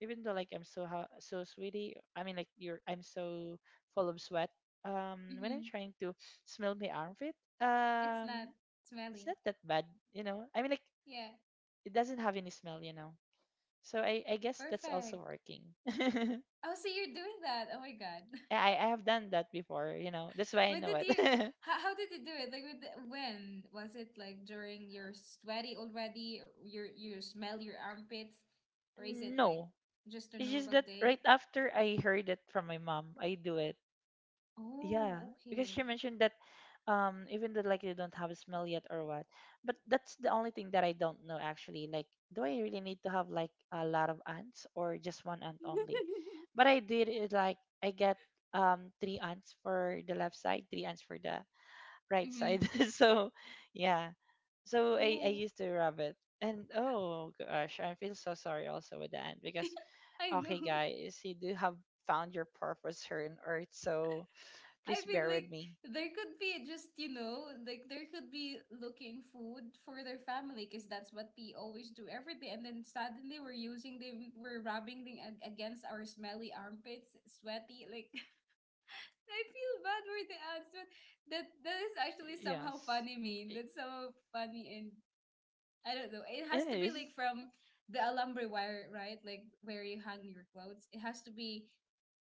S2: even though like I'm so ha- so sweaty, I mean like you're — I'm so full of sweat. Um, when I'm
S1: hmm.
S2: trying to smell my armpit,
S1: It's not
S2: um, it's
S1: smelly.
S2: not that bad, you know. I mean like
S1: Yeah,
S2: it doesn't have any smell, you know. So I I guess that's also
S1: perfect.
S2: working.
S1: Oh, so you're doing that. Oh my God.
S2: I I have done that before, you know. That's why I
S1: When
S2: know
S1: did
S2: it.
S1: you, how, how did you do it? Like, with the, when? Was it like during you're sweaty already, or your you smell your armpits, or is it like
S2: No,
S1: just a
S2: it's just
S1: normal
S2: that right
S1: day?
S2: after I heard it from my mom, I do it. Yeah,
S1: Oh,
S2: because
S1: okay.
S2: she mentioned that, um even though like you don't have a smell yet or what, but that's the only thing that I don't know actually. Like, do I really need to have like a lot of ants, or just one ant only? But I did it, like I get um three ants for the left side, three ants for the right
S1: Mm-hmm.
S2: side. So yeah. So I, I
S1: Oh,
S2: used to rub it. And oh gosh, I feel so sorry also with the ant because,
S1: I
S2: okay
S1: know.
S2: guys, you do have found your purpose here on earth, so
S1: I
S2: please
S1: mean,
S2: bear with
S1: like,
S2: me.
S1: there could be just, you know, like, there could be looking food for their family because that's what we always do every day. And then suddenly we're using them, we're rubbing them ag- against our smelly armpits, sweaty. Like,
S2: Yes,
S1: I feel bad for
S2: i-
S1: the ants, but that, that is actually somehow funny, mean. That's somehow
S2: it
S1: funny. And
S2: is.
S1: I don't know. It has to be, like, from the alambre wire, right? Like, where you hang your clothes. It has to be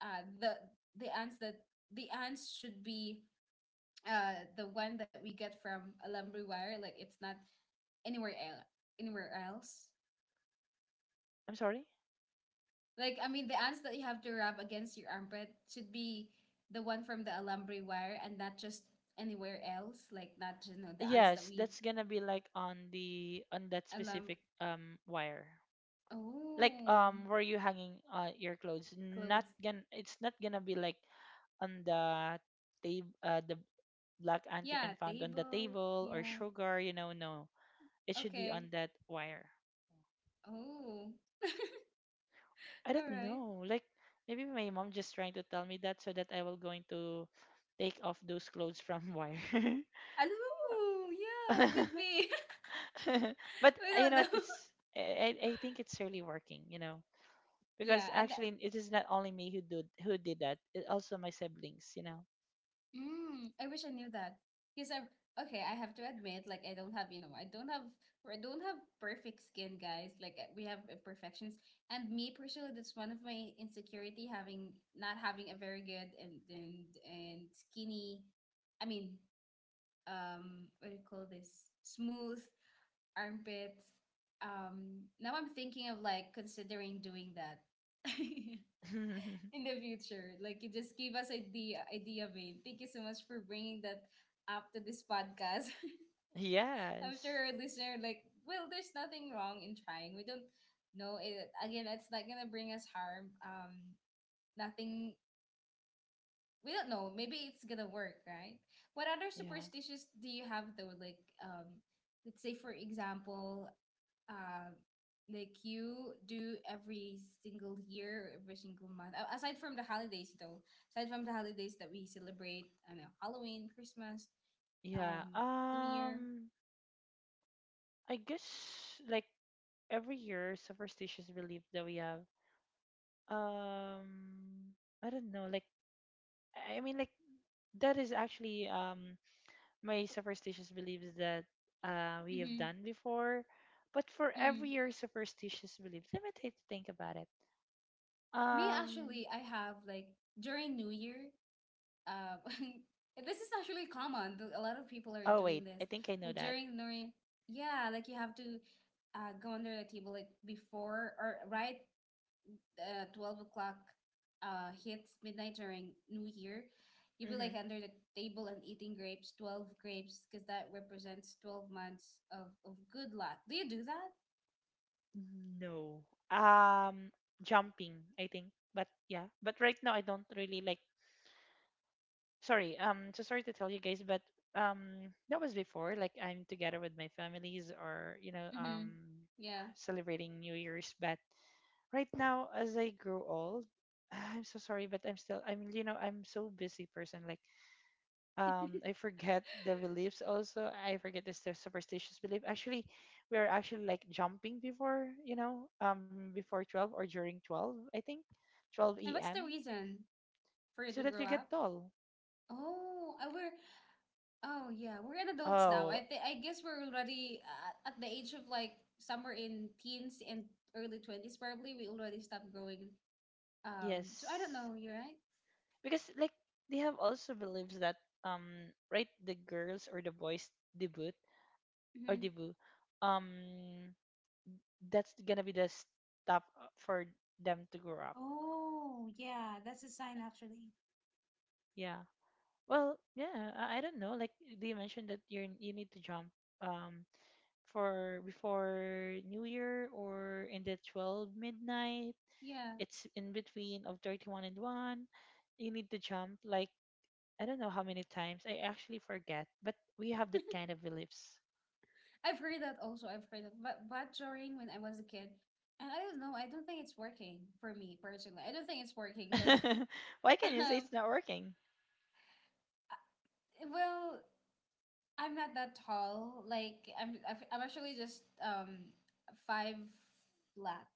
S1: uh, the the ants that the ants should be uh, the one that we get from alambre Wire, like it's not anywhere else. Anywhere else.
S2: I'm sorry.
S1: Like, I mean, the ants that you have to rub against your armpit should be the one from the alambre Wire, and not just anywhere else. Like, not you know the ants that
S2: Yes,
S1: we
S2: that's gonna be like on the on that
S1: alum.
S2: specific um wire, like
S1: Oh,
S2: um where you hanging uh your clothes. Not
S1: clothes.
S2: gonna — it's not gonna be like on the table. Uh, the black ant you
S1: Yeah,
S2: can find on the
S1: table.
S2: table or
S1: Yeah.
S2: sugar, you know? No. It should be
S1: Okay.
S2: on that wire.
S1: Oh.
S2: I
S1: All
S2: don't
S1: right.
S2: know. Like, maybe my mom just trying to tell me that, so that I will going to take off those clothes from wire.
S1: Alam, yeah, could be.
S2: But
S1: We
S2: uh, you
S1: don't
S2: know
S1: know.
S2: what? It's — I, I I think it's really working. You know,
S1: Yeah,
S2: because
S1: and
S2: actually it is not only me who did who did that. It also my siblings, you know.
S1: mm, I wish I knew that. Because I okay, I have to admit, like, I don't have, you know, I don't have I don't have perfect skin, guys. Like, uh, we have imperfections. And me personally, that's one of my insecurity, having, not having a very good and and and skinny, I mean, um, what do you call this? Smooth armpits. Um, now I'm thinking of like considering doing that in the future. Like, you just gave us idea idea Vane. Thank you so much for bringing that up to this podcast. I'm
S2: Yes.
S1: sure our listener, like, well, there's nothing wrong in trying. We don't know it again. It's not gonna bring us harm. Um, nothing. We don't know. Maybe it's gonna work, right? What other
S2: Yeah.
S1: superstitions do you have though? Like, um, let's say for example, uh, like you do every single year, every single month. A- Aside from the holidays, though, aside from the holidays that we celebrate, I know Halloween, Christmas,
S2: Yeah.
S1: um, New Year.
S2: Um. I guess, like, every year superstitious belief that we have. Um. I don't know. Like, I I mean, like that is actually um my superstitious beliefs that, uh, we have
S1: Mm-hmm.
S2: done before. But for every
S1: Mm.
S2: year superstitious beliefs, let me take think about it.
S1: Me,
S2: Um.
S1: actually, I have like during New Year. Uh, this is actually common. th- A lot of people are
S2: Oh
S1: doing
S2: wait,
S1: this.
S2: I think I know
S1: Like
S2: that.
S1: during New Year, yeah, like you have to uh, go under the table like before or right uh, twelve o'clock uh, hits midnight during New Year, you'd be like
S2: Mm-hmm.
S1: under the table and eating grapes, twelve grapes, because that represents twelve months of, of good luck. Do you do that?
S2: No. Um. Jumping, I think. But yeah. But right now I don't really like. Sorry. Um. So sorry to tell you guys, but, um, that was before. Like I'm together with my families, or you know,
S1: Mm-hmm.
S2: um,
S1: Yeah.
S2: celebrating New Year's, but right now as I grow old, I'm so sorry, but I'm still I'm you know I'm so busy person. Like, um, I forget the beliefs also. I forget this the superstitious belief. Actually, we are actually like jumping before, you know um before twelve or during twelve. I think twelve
S1: And what's the
S2: a m
S1: reason for you
S2: so
S1: to
S2: that
S1: grow
S2: you get
S1: up?
S2: tall.
S1: Oh, uh, we're oh yeah, we're an adults now. I
S2: Oh
S1: think I guess we're already uh, at the age of like somewhere in teens and early twenties. Probably we already stopped growing. Um, so I don't
S2: yes,
S1: know. You're right.
S2: because like they have also beliefs that, um right, the girls or the boys debut or debut um that's gonna be the stuff for them to grow up.
S1: Oh, yeah, that's a sign actually.
S2: Yeah. Well, yeah. I, I don't know. Like, they mentioned that you you need to jump, um for before New Year, or in the twelve midnight.
S1: Yeah.
S2: It's in between of thirty one and one. You need to jump like I don't know how many times. I actually forget. But we have that kind of beliefs.
S1: I've heard that also. I've heard that. But but during when I was a kid, and I don't know, I don't think it's working for me personally. I don't think it's working because
S2: Why can you say
S1: um
S2: it's not working?
S1: I- well, I'm not that tall. Like I'm I've- I'm actually just um five flat,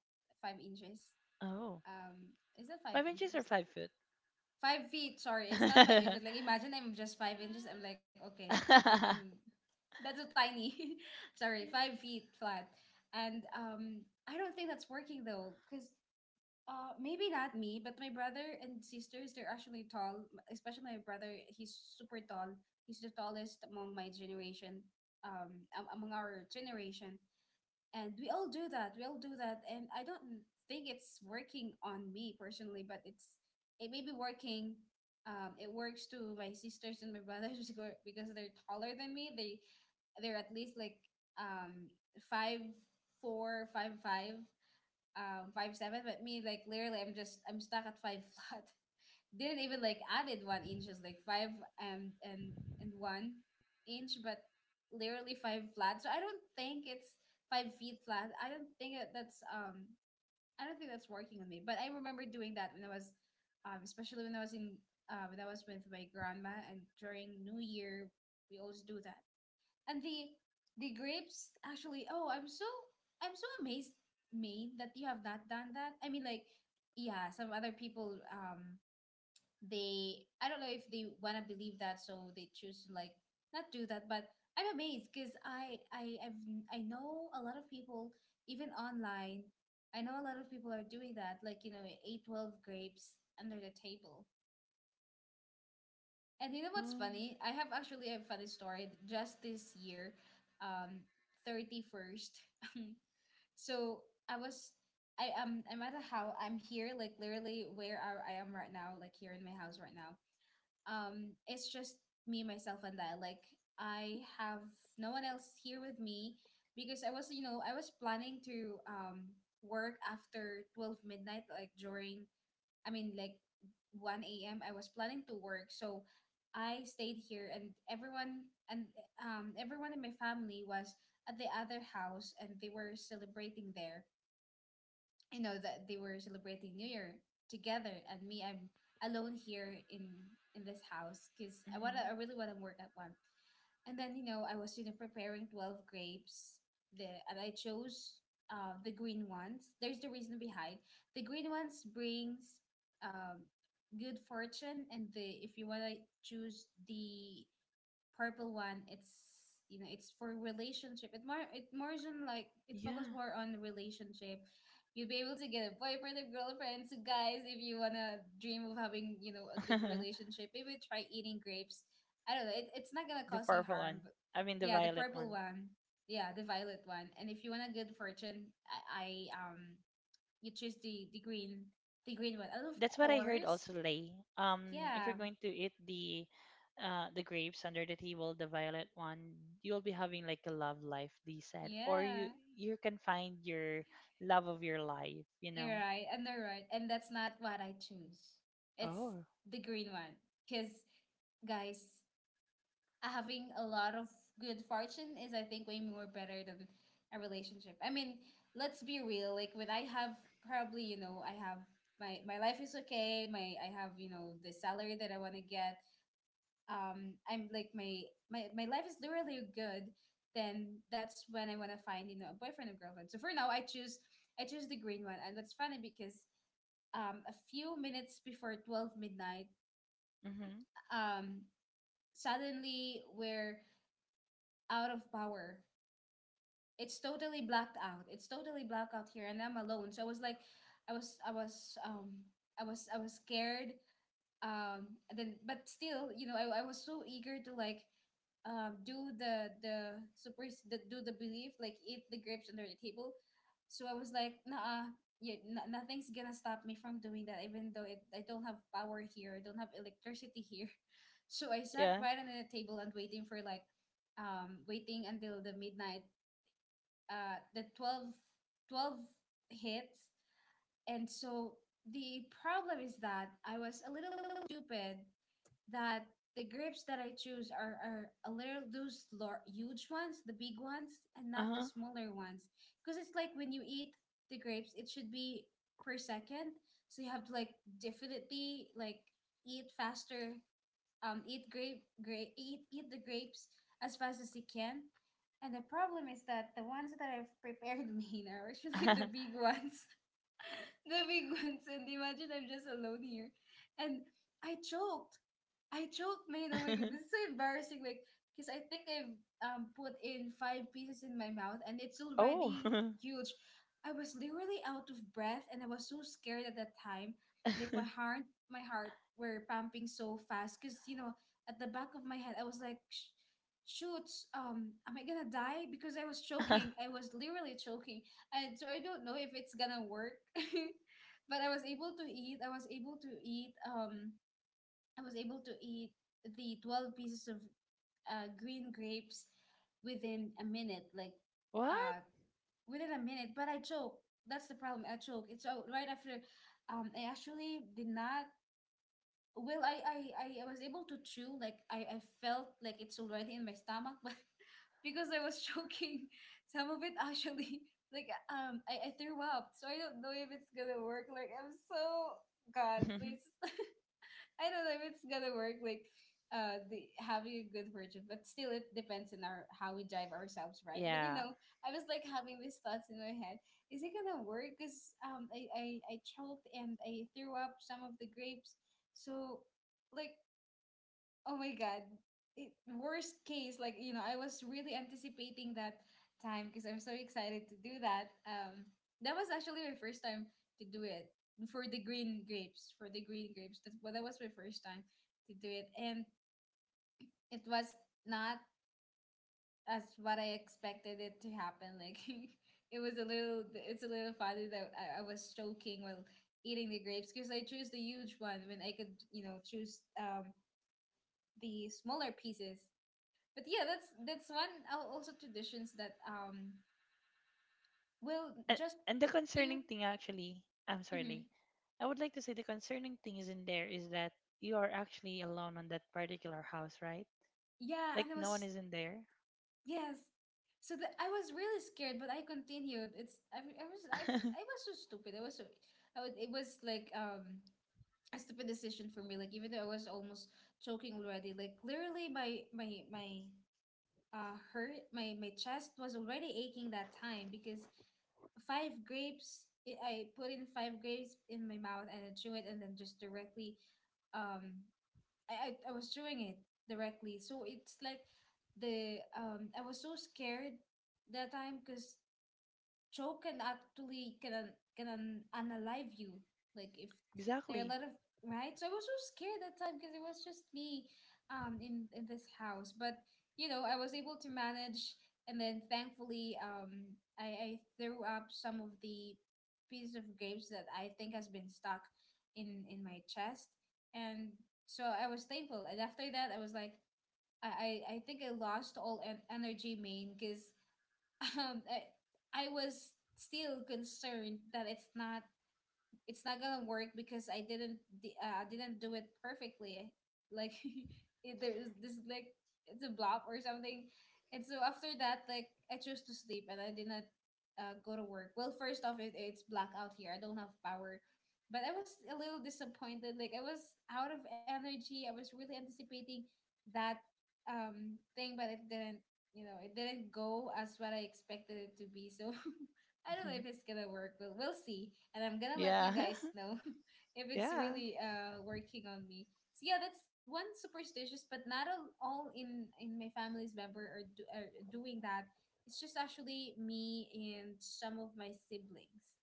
S1: five inches.
S2: Oh,
S1: Um is it five
S2: five inches or
S1: inches?
S2: five
S1: Five feet. Sorry, it's not five inches. Like imagine I'm just
S2: foot?
S1: five inches. I'm like, okay. I'm I'm That's so tiny. Sorry, five feet flat. And um, I don't think that's working though, because uh, maybe not me, but my brother and sisters, they're actually tall. m- Especially my brother, he's super tall. He's the tallest among my generation. Um, am- among our generation, and we all do that we all do that, and I don't think it's working on me personally, but it's it may be working, um, it works to my sisters and my brothers because because they're taller than me. They they're at least like um five four, five five, um five seven, but me, like, literally i'm just I'm stuck at five flat. Didn't even like added one inch, just like five and and and one inch, but literally five flat. So I don't think it's five feet flat. I don't think that- that's um I don't think that's working on me. But I remember doing that when I was um especially when I was in uh when I was with my grandma, and during New Year we always do that. And the the grapes actually, oh, I'm so I'm so amazed made that you have not done that. I mean, like, yeah, some other people, um they, I don't know if they want to believe that so they choose to like not do that, but I'm amazed because i i I've, I know a lot of people even online, I know a lot of people are doing that, like, you know, eight twelve grapes under the table, and you know what's
S2: Um,
S1: funny, I have actually a funny story just this year, um thirty-first. So i was i am I'm at a house, I'm here, like, literally where I, I am right now, like here in my house right now. Um it's just me, myself, and I, like, I have no one else here with me because i was you know I was planning to um work after twelve midnight, like during, I mean like, one a m a.m, I was planning to work, so I stayed here, and everyone and um everyone in my family was at the other house, and they were celebrating there, you know, that they were celebrating New Year together, and me, I'm alone here in in this house because I wanna,
S2: mhm.
S1: I really wanna work at one. And then you know, I was you know preparing twelve grapes, the and I chose uh the green ones. There's the reason behind the green ones brings um good fortune, and the if you wanna choose the purple one it's you know it's for relationship, it more it more on like it focus
S2: Yeah.
S1: more on relationship. You'll be able to get a boyfriend or girlfriend. So guys, if you want to dream of having, you know, a good relationship, maybe try eating grapes. I don't know it, it's not gonna
S2: The
S1: cause you
S2: purple
S1: harm,
S2: one.
S1: but
S2: I mean the
S1: yeah, the
S2: violet
S1: purple
S2: one.
S1: one. Yeah, the violet one. And if you want a good fortune, I, I um you choose the the green, the green one. And of
S2: That's what I heard
S1: course,
S2: also, Lay. Um, if you're
S1: yeah.
S2: going to eat the uh the grapes under the table, the violet one, you'll be having like a love life, they said. Or you
S1: Yeah,
S2: you can find your love of your life, you
S1: you're
S2: know.
S1: right, and they're right, and that's not what I choose. It's
S2: Oh.
S1: the green one, because guys, having a lot of good fortune is, I think, way more better than a relationship. I mean, let's be real. Like, when I have probably, you know, I have my my life is okay. My I have, you know, the salary that I want to get. Um, I'm like my my my life is really good. Then that's when I want to find, you know, a boyfriend or girlfriend. So for now, I choose I choose the green one. And that's funny because um, a few minutes before twelve midnight,
S2: Mm-hmm.
S1: um, suddenly we're out of power. It's totally blacked out. It's totally blacked out here, and I'm alone. So I was like, I was, I was, um, I was, I was scared. Um and then, but still, you know, I, I was so eager to like um do the the super the, do the belief, like eat the grapes under the table. So I was like, nah, yeah, n- nothing's gonna stop me from doing that, even though it, I don't have power here, I don't have electricity here. So I sat
S2: Yeah.
S1: right under the table and waiting for like, um waiting until the midnight, uh the twelve, twelve hits. And so the problem is that I was a little stupid, that the grapes that I choose are, are a little, those lar- huge ones, the big ones, and not the
S2: Uh-huh.
S1: smaller ones. Because it's like, when you eat the grapes, it should be per second. So you have to like definitely like eat faster, um, eat grape, grape, eat eat the grapes as fast as you can. And the problem is that the ones that I've prepared me are actually the big ones. The big ones. And imagine I'm just alone here. And I choked. I choked, man. Oh my god, this is so embarrassing. Like, because I think I've um put in five pieces in my mouth, and it's already
S2: Oh.
S1: huge. I was literally out of breath, and I was so scared at that time. Like my heart, my heart were pumping so fast, cause you know, at the back of my head, I was like, "Sh- Shoots, um, am I gonna die?" Because I was choking. I was literally choking, and so I don't know if it's gonna work. But I was able to eat. I was able to eat. Um I was able to eat the twelve pieces of uh, green grapes within a minute, like
S2: What?
S1: uh, within a minute. But I choke. That's the problem. I choke. It's so right after. Um, I actually did not. Well, I I I I was able to chew. Like I I felt like it's already in my stomach, but because I was choking, some of it actually like um I, I threw up. So I don't know if it's gonna work. Like, I'm so God, please, I don't know if it's gonna work. Like, uh, the having a good version, but still, it depends on our how we drive ourselves, right? But you
S2: Yeah.
S1: know, I was like having these thoughts in my head: Is it gonna work? Cause um, I I I choked and I threw up some of the grapes, so like, oh my god. It, Worst case, like, you know, I was really anticipating that time because I'm so excited to do that. Um, that was actually my first time to do it for the green grapes, for the green grapes. That's what that was my first time to do it. And it was not as what I expected it to happen. Like, it was a little, it's a little funny that I, I was choking while eating the grapes because I chose the huge one when I could, you know, choose um, the smaller pieces. But yeah, that's that's one al- also traditions that um well,
S2: And,
S1: just
S2: and the
S1: a few.
S2: concerning thing actually — I'm sorry, Lee.
S1: Mhm.
S2: I would like to say the concerning thing is in there is that you are actually alone on that particular house, right?
S1: Yeah,
S2: Like
S1: and it
S2: no one
S1: was
S2: is in there.
S1: yes, so that I was really scared, but I continued. It's i, I was I, I was so stupid. I was so I would, it was like um a stupid decision for me. Like, even though I was almost choking already, like literally my my my uh hurt my, my chest was already aching that time because five grapes. I I put in five grapes in my mouth and I chew it, and then just directly, um, I I, I was chewing it directly. So it's like the um, I was so scared that time because Joe can actually can un- can un- unalive you. Like, if there are a
S2: Exactly.
S1: lot of right, so I was so scared that time because it was just me, um, in in this house. But you know, I was able to manage, and then thankfully, um, I I threw up some of the pieces of grapes that I think has been stuck in in my chest, and so I was thankful. And after that, I was like, I, I I think I lost all en- energy main, because um, I, I was still concerned that it's not, it's not gonna work because I didn't d- uh, I didn't do it perfectly. Like, it, there's this like, it's a blob or something. And so after that, like, I chose to sleep and I did not uh, go to work. Well, first off, it, it's blackout here. I don't have power. But I was a little disappointed. Like, I was out of energy. I was really anticipating that um thing, but it didn't. You know, it didn't go as what I expected it to be. So I don't know if it's gonna work, but we'll see. And I'm gonna let you
S2: Yeah.
S1: guys know if it's
S2: Yeah.
S1: really uh working on me. So yeah, that's one superstitious, but not all, all in in my family's member are, do, are doing that. It's just actually me and some of my siblings.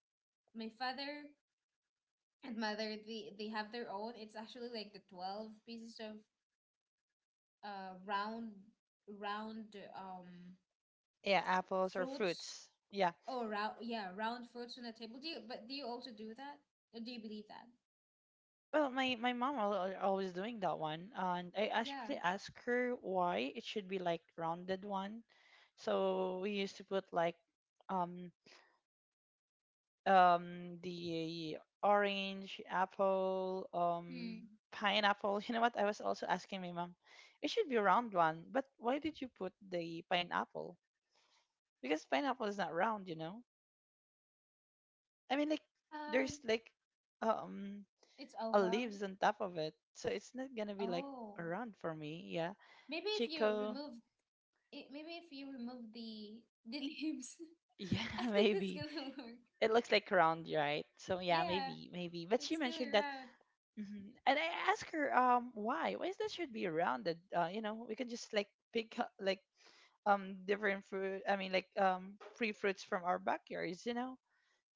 S1: My father and mother, they they have their own. It's actually like the twelve pieces of uh round, round um
S2: Yeah, apples or
S1: fruits.
S2: fruits. Yeah.
S1: Oh, round, yeah, round fruits on the table. Do you, but do you also do that? Or do you believe that?
S2: Well, my my mom al- al- always doing that one. And I
S1: Yeah.
S2: actually asked her why it should be like rounded one. So we used to put like, um um the orange, apple, um
S1: Hmm.
S2: pineapple. You know what, I was also asking my mom, it should be round one, but why did you put the pineapple, because pineapple is not round, you know? I mean, like,
S1: Um,
S2: there's like um
S1: it's
S2: a
S1: oval.
S2: leaves on top of it, so it's not gonna be like
S1: Oh,
S2: a round for me. Yeah.
S1: maybe if you
S2: Chico.
S1: remove it, maybe if you remove the the leaves,
S2: Yeah.
S1: I think that's
S2: Maybe
S1: gonna work.
S2: it looks like round, right? So yeah,
S1: Yeah,
S2: maybe. Maybe but
S1: it's
S2: she
S1: still
S2: mentioned that.
S1: around.
S2: Hmm. And I asked her, um, why? Why is that should be rounded? Uh, you know, we can just like pick, uh, like um different fruit. I mean, like, um free fruits from our backyards. You know.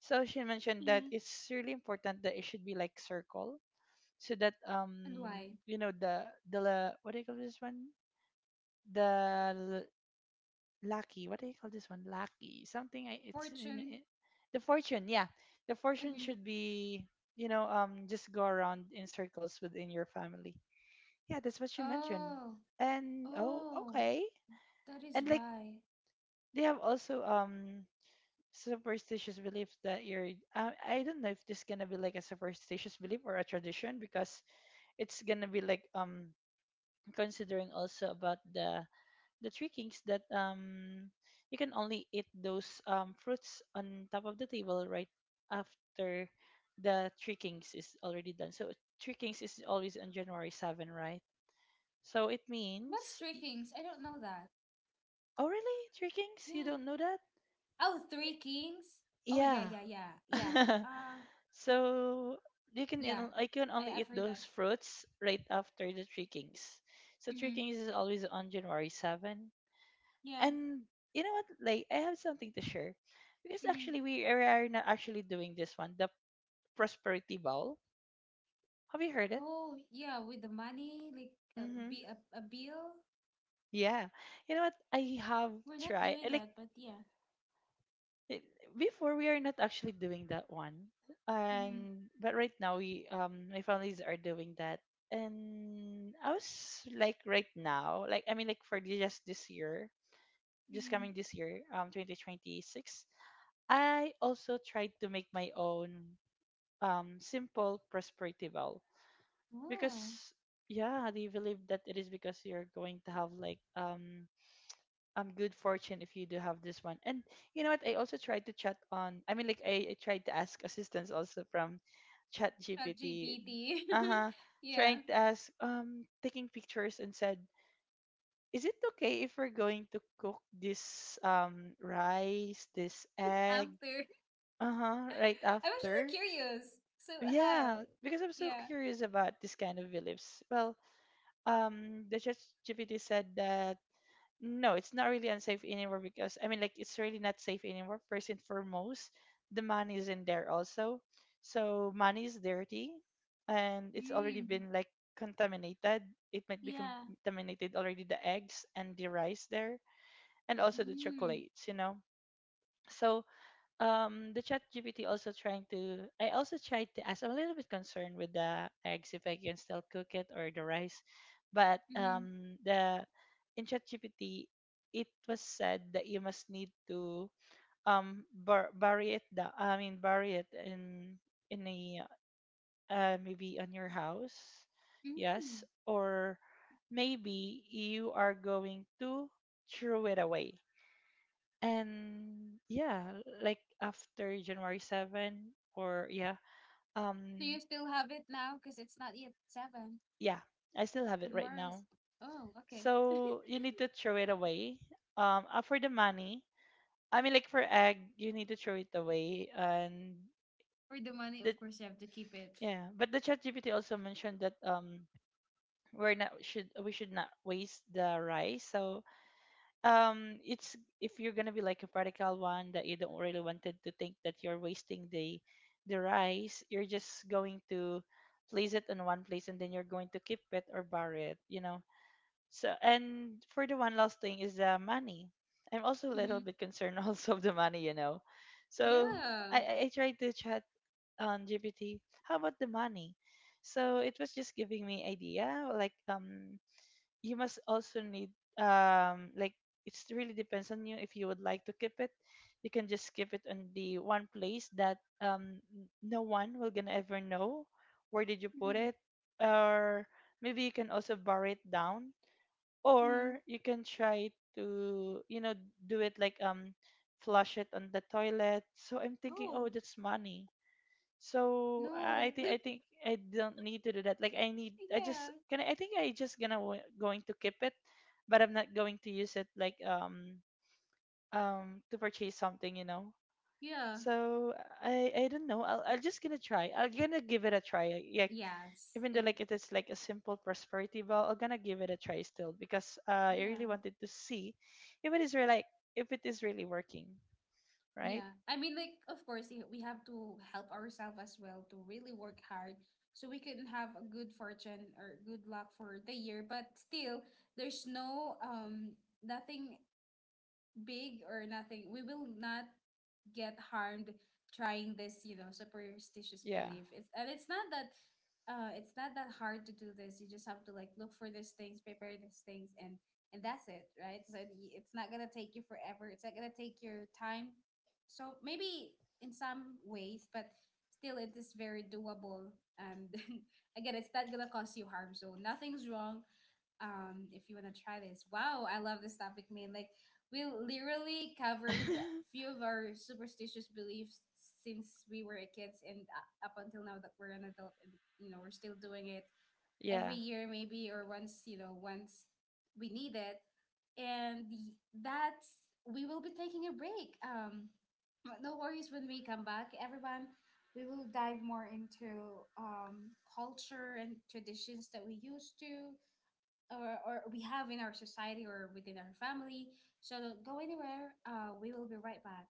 S2: So she mentioned
S1: Mm.
S2: that it's really important that it should be like circle, so that, um
S1: And why?
S2: you know the the la- what do you call this one? The l- lucky. What do you call this one? Lucky. Something. I, it's in,
S1: Fortune.
S2: in, the fortune. Yeah, the fortune
S1: Hmm.
S2: should be, you know um just go around in circles within your family. Yeah, that's what you mentioned.
S1: Oh,
S2: And oh,
S1: oh,
S2: okay.
S1: that is
S2: And, like,
S1: why.
S2: they have also um superstitious belief that — you're I, I don't know if this gonna be like a superstitious belief or a tradition, because it's gonna be like, um considering also about the the three kings, that um you can only eat those um fruits on top of the table, right after the three kings is already done. So three kings is always on January seventh, right? So it
S1: What's
S2: means —
S1: three kings? I don't know that.
S2: oh, really? Three Kings? You
S1: Yeah.
S2: don't know that?
S1: Oh, three kings. Oh yeah,
S2: Yeah.
S1: yeah, yeah, yeah. Um,
S2: So you can
S1: yeah,
S2: in- I can
S1: I,
S2: only
S1: I've
S2: eat
S1: heard that.
S2: those fruits right after the Three Kings. So Three
S1: Mm-hmm.
S2: Kings is always on January seventh.
S1: Yeah.
S2: And you know what? Like, I have something to share, because
S1: Mm-hmm.
S2: actually we are not actually doing this one, the Prosperity Bowl. Have you heard it?
S1: Oh yeah, with the money, like, a,
S2: Mm-hmm.
S1: be a, a bill.
S2: Yeah. You know what? I have
S1: We're not
S2: tried.
S1: doing
S2: Like
S1: that, but yeah.
S2: it, before we are not actually doing that one,
S1: Mm-hmm.
S2: and but right now we um my families are doing that. And I was like, right now, like I mean, like for the- just this year, just
S1: Mm-hmm.
S2: coming this year, um twenty twenty-six, I also tried to make my own um simple prosperity vow,
S1: Oh,
S2: because yeah, they believe that it is because you're going to have like um um good fortune if you do have this one. And you know what? I also tried to chat on— I mean, like I, I tried to ask assistance also from Chat G P T.
S1: ChatGPT.
S2: Uh huh.
S1: Yeah,
S2: Trying to ask, um, taking pictures and said, "Is it okay if we're going to cook this um rice, this egg,
S1: after.
S2: uh huh, right
S1: I'm actually
S2: after?"
S1: curious. So how?
S2: Yeah, because I'm so
S1: Yeah.
S2: curious about this kind of beliefs. Well, um, the Chat G P T said that no, it's not really unsafe anymore, because I mean, like, it's really not safe anymore. First and foremost, the money is in there also. So money is dirty, and it's already
S1: Mm.
S2: been like contaminated. It might be
S1: Yeah.
S2: contaminated already, the eggs and the rice there, and also the
S1: Mm.
S2: chocolates, you know. So um the chat G P T also trying to— I also tried to ask, I'm a little bit concerned with the eggs if I can still cook it, or the rice, but
S1: Mm-hmm.
S2: um the in chat G P T it was said that you must need to um bur- bury it, the— I mean, bury it in in a, uh, maybe on your house, yes,
S1: Mm.
S2: or maybe you are going to throw it away. And yeah, like after January seventh, or yeah,
S1: Do
S2: um
S1: you still have it now? Because it's not yet seven.
S2: yeah, I still have it right
S1: Tomorrow
S2: now,
S1: is. Oh, okay.
S2: so you need to throw it away, um uh, for the money. I mean, like for egg you need to throw it away, and
S1: For the money,
S2: the—
S1: of course, you have to keep it.
S2: yeah, but the chat G P T also mentioned that um we're not— should— we should not waste the rice, so um it's— if you're gonna be like a practical one, that you don't really wanted to think that you're wasting the— the rice, you're just going to place it in one place, and then you're going to keep it or bury it, you know. So, and for the one last thing is the money. I'm also a little bit concerned also of the money, you know. So
S1: Yeah.
S2: i i I tried to chat on G P T how about the money, so it was just giving me idea, like um you must also need um like, it's really depends on you, if you would like to keep it, you can just keep it on the one place that um n- no one will gonna ever know where did you put
S1: Hmm.
S2: it, or maybe you can also bar it down,
S1: Hmm.
S2: or you can try to, you know do it like um flush it on the toilet. So I'm thinking, oh,
S1: Oh,
S2: that's money, so I
S1: no.
S2: think I think I don't need to do that. Like, I need— I just
S1: Yeah.
S2: can— I, I think I just gonna w- going to keep it, but I'm not going to use it like um um to purchase something, you know.
S1: Yeah.
S2: So I I don't know. I'll I'll just gonna try. I'm gonna give it a try. Yeah, like,
S1: Yes.
S2: even though
S1: And
S2: like it is like a simple prosperity ball, I'm gonna give it a try still, because uh, I really
S1: yeah.
S2: wanted to see if it is really like— if it is really working, right?
S1: Yeah. I mean, like, of course, y- we have to help ourselves as well to really work hard, so we can have a good fortune or good luck for the year. But still, there's no um nothing big or nothing, we will not get harmed trying this, you know, superstitious
S2: Yeah.
S1: belief. It's and it's not that uh it's not that hard to do this. You just have to like look for these things, prepare these things, and and that's it, right? So y- it's not going to take you forever. It's not going to take your time. So maybe in some ways, but still it is very doable and again, it's not going to cause you harm. So nothing's wrong um if you want to try this. Wow, I love this topic, man. Like, we literally covered a few of our superstitious beliefs since we were kids and uh, up until now that we're an adult, and you know, we're still doing it
S2: Yeah.
S1: every year maybe or once, you know, once we need it. And y- that's we will be taking a break. Um but no worries when we come back, everyone. We will dive more into um, culture and traditions that we used to, or, or we have in our society or within
S2: Yes.
S1: our family. So don't go anywhere. Uh, we will be right back.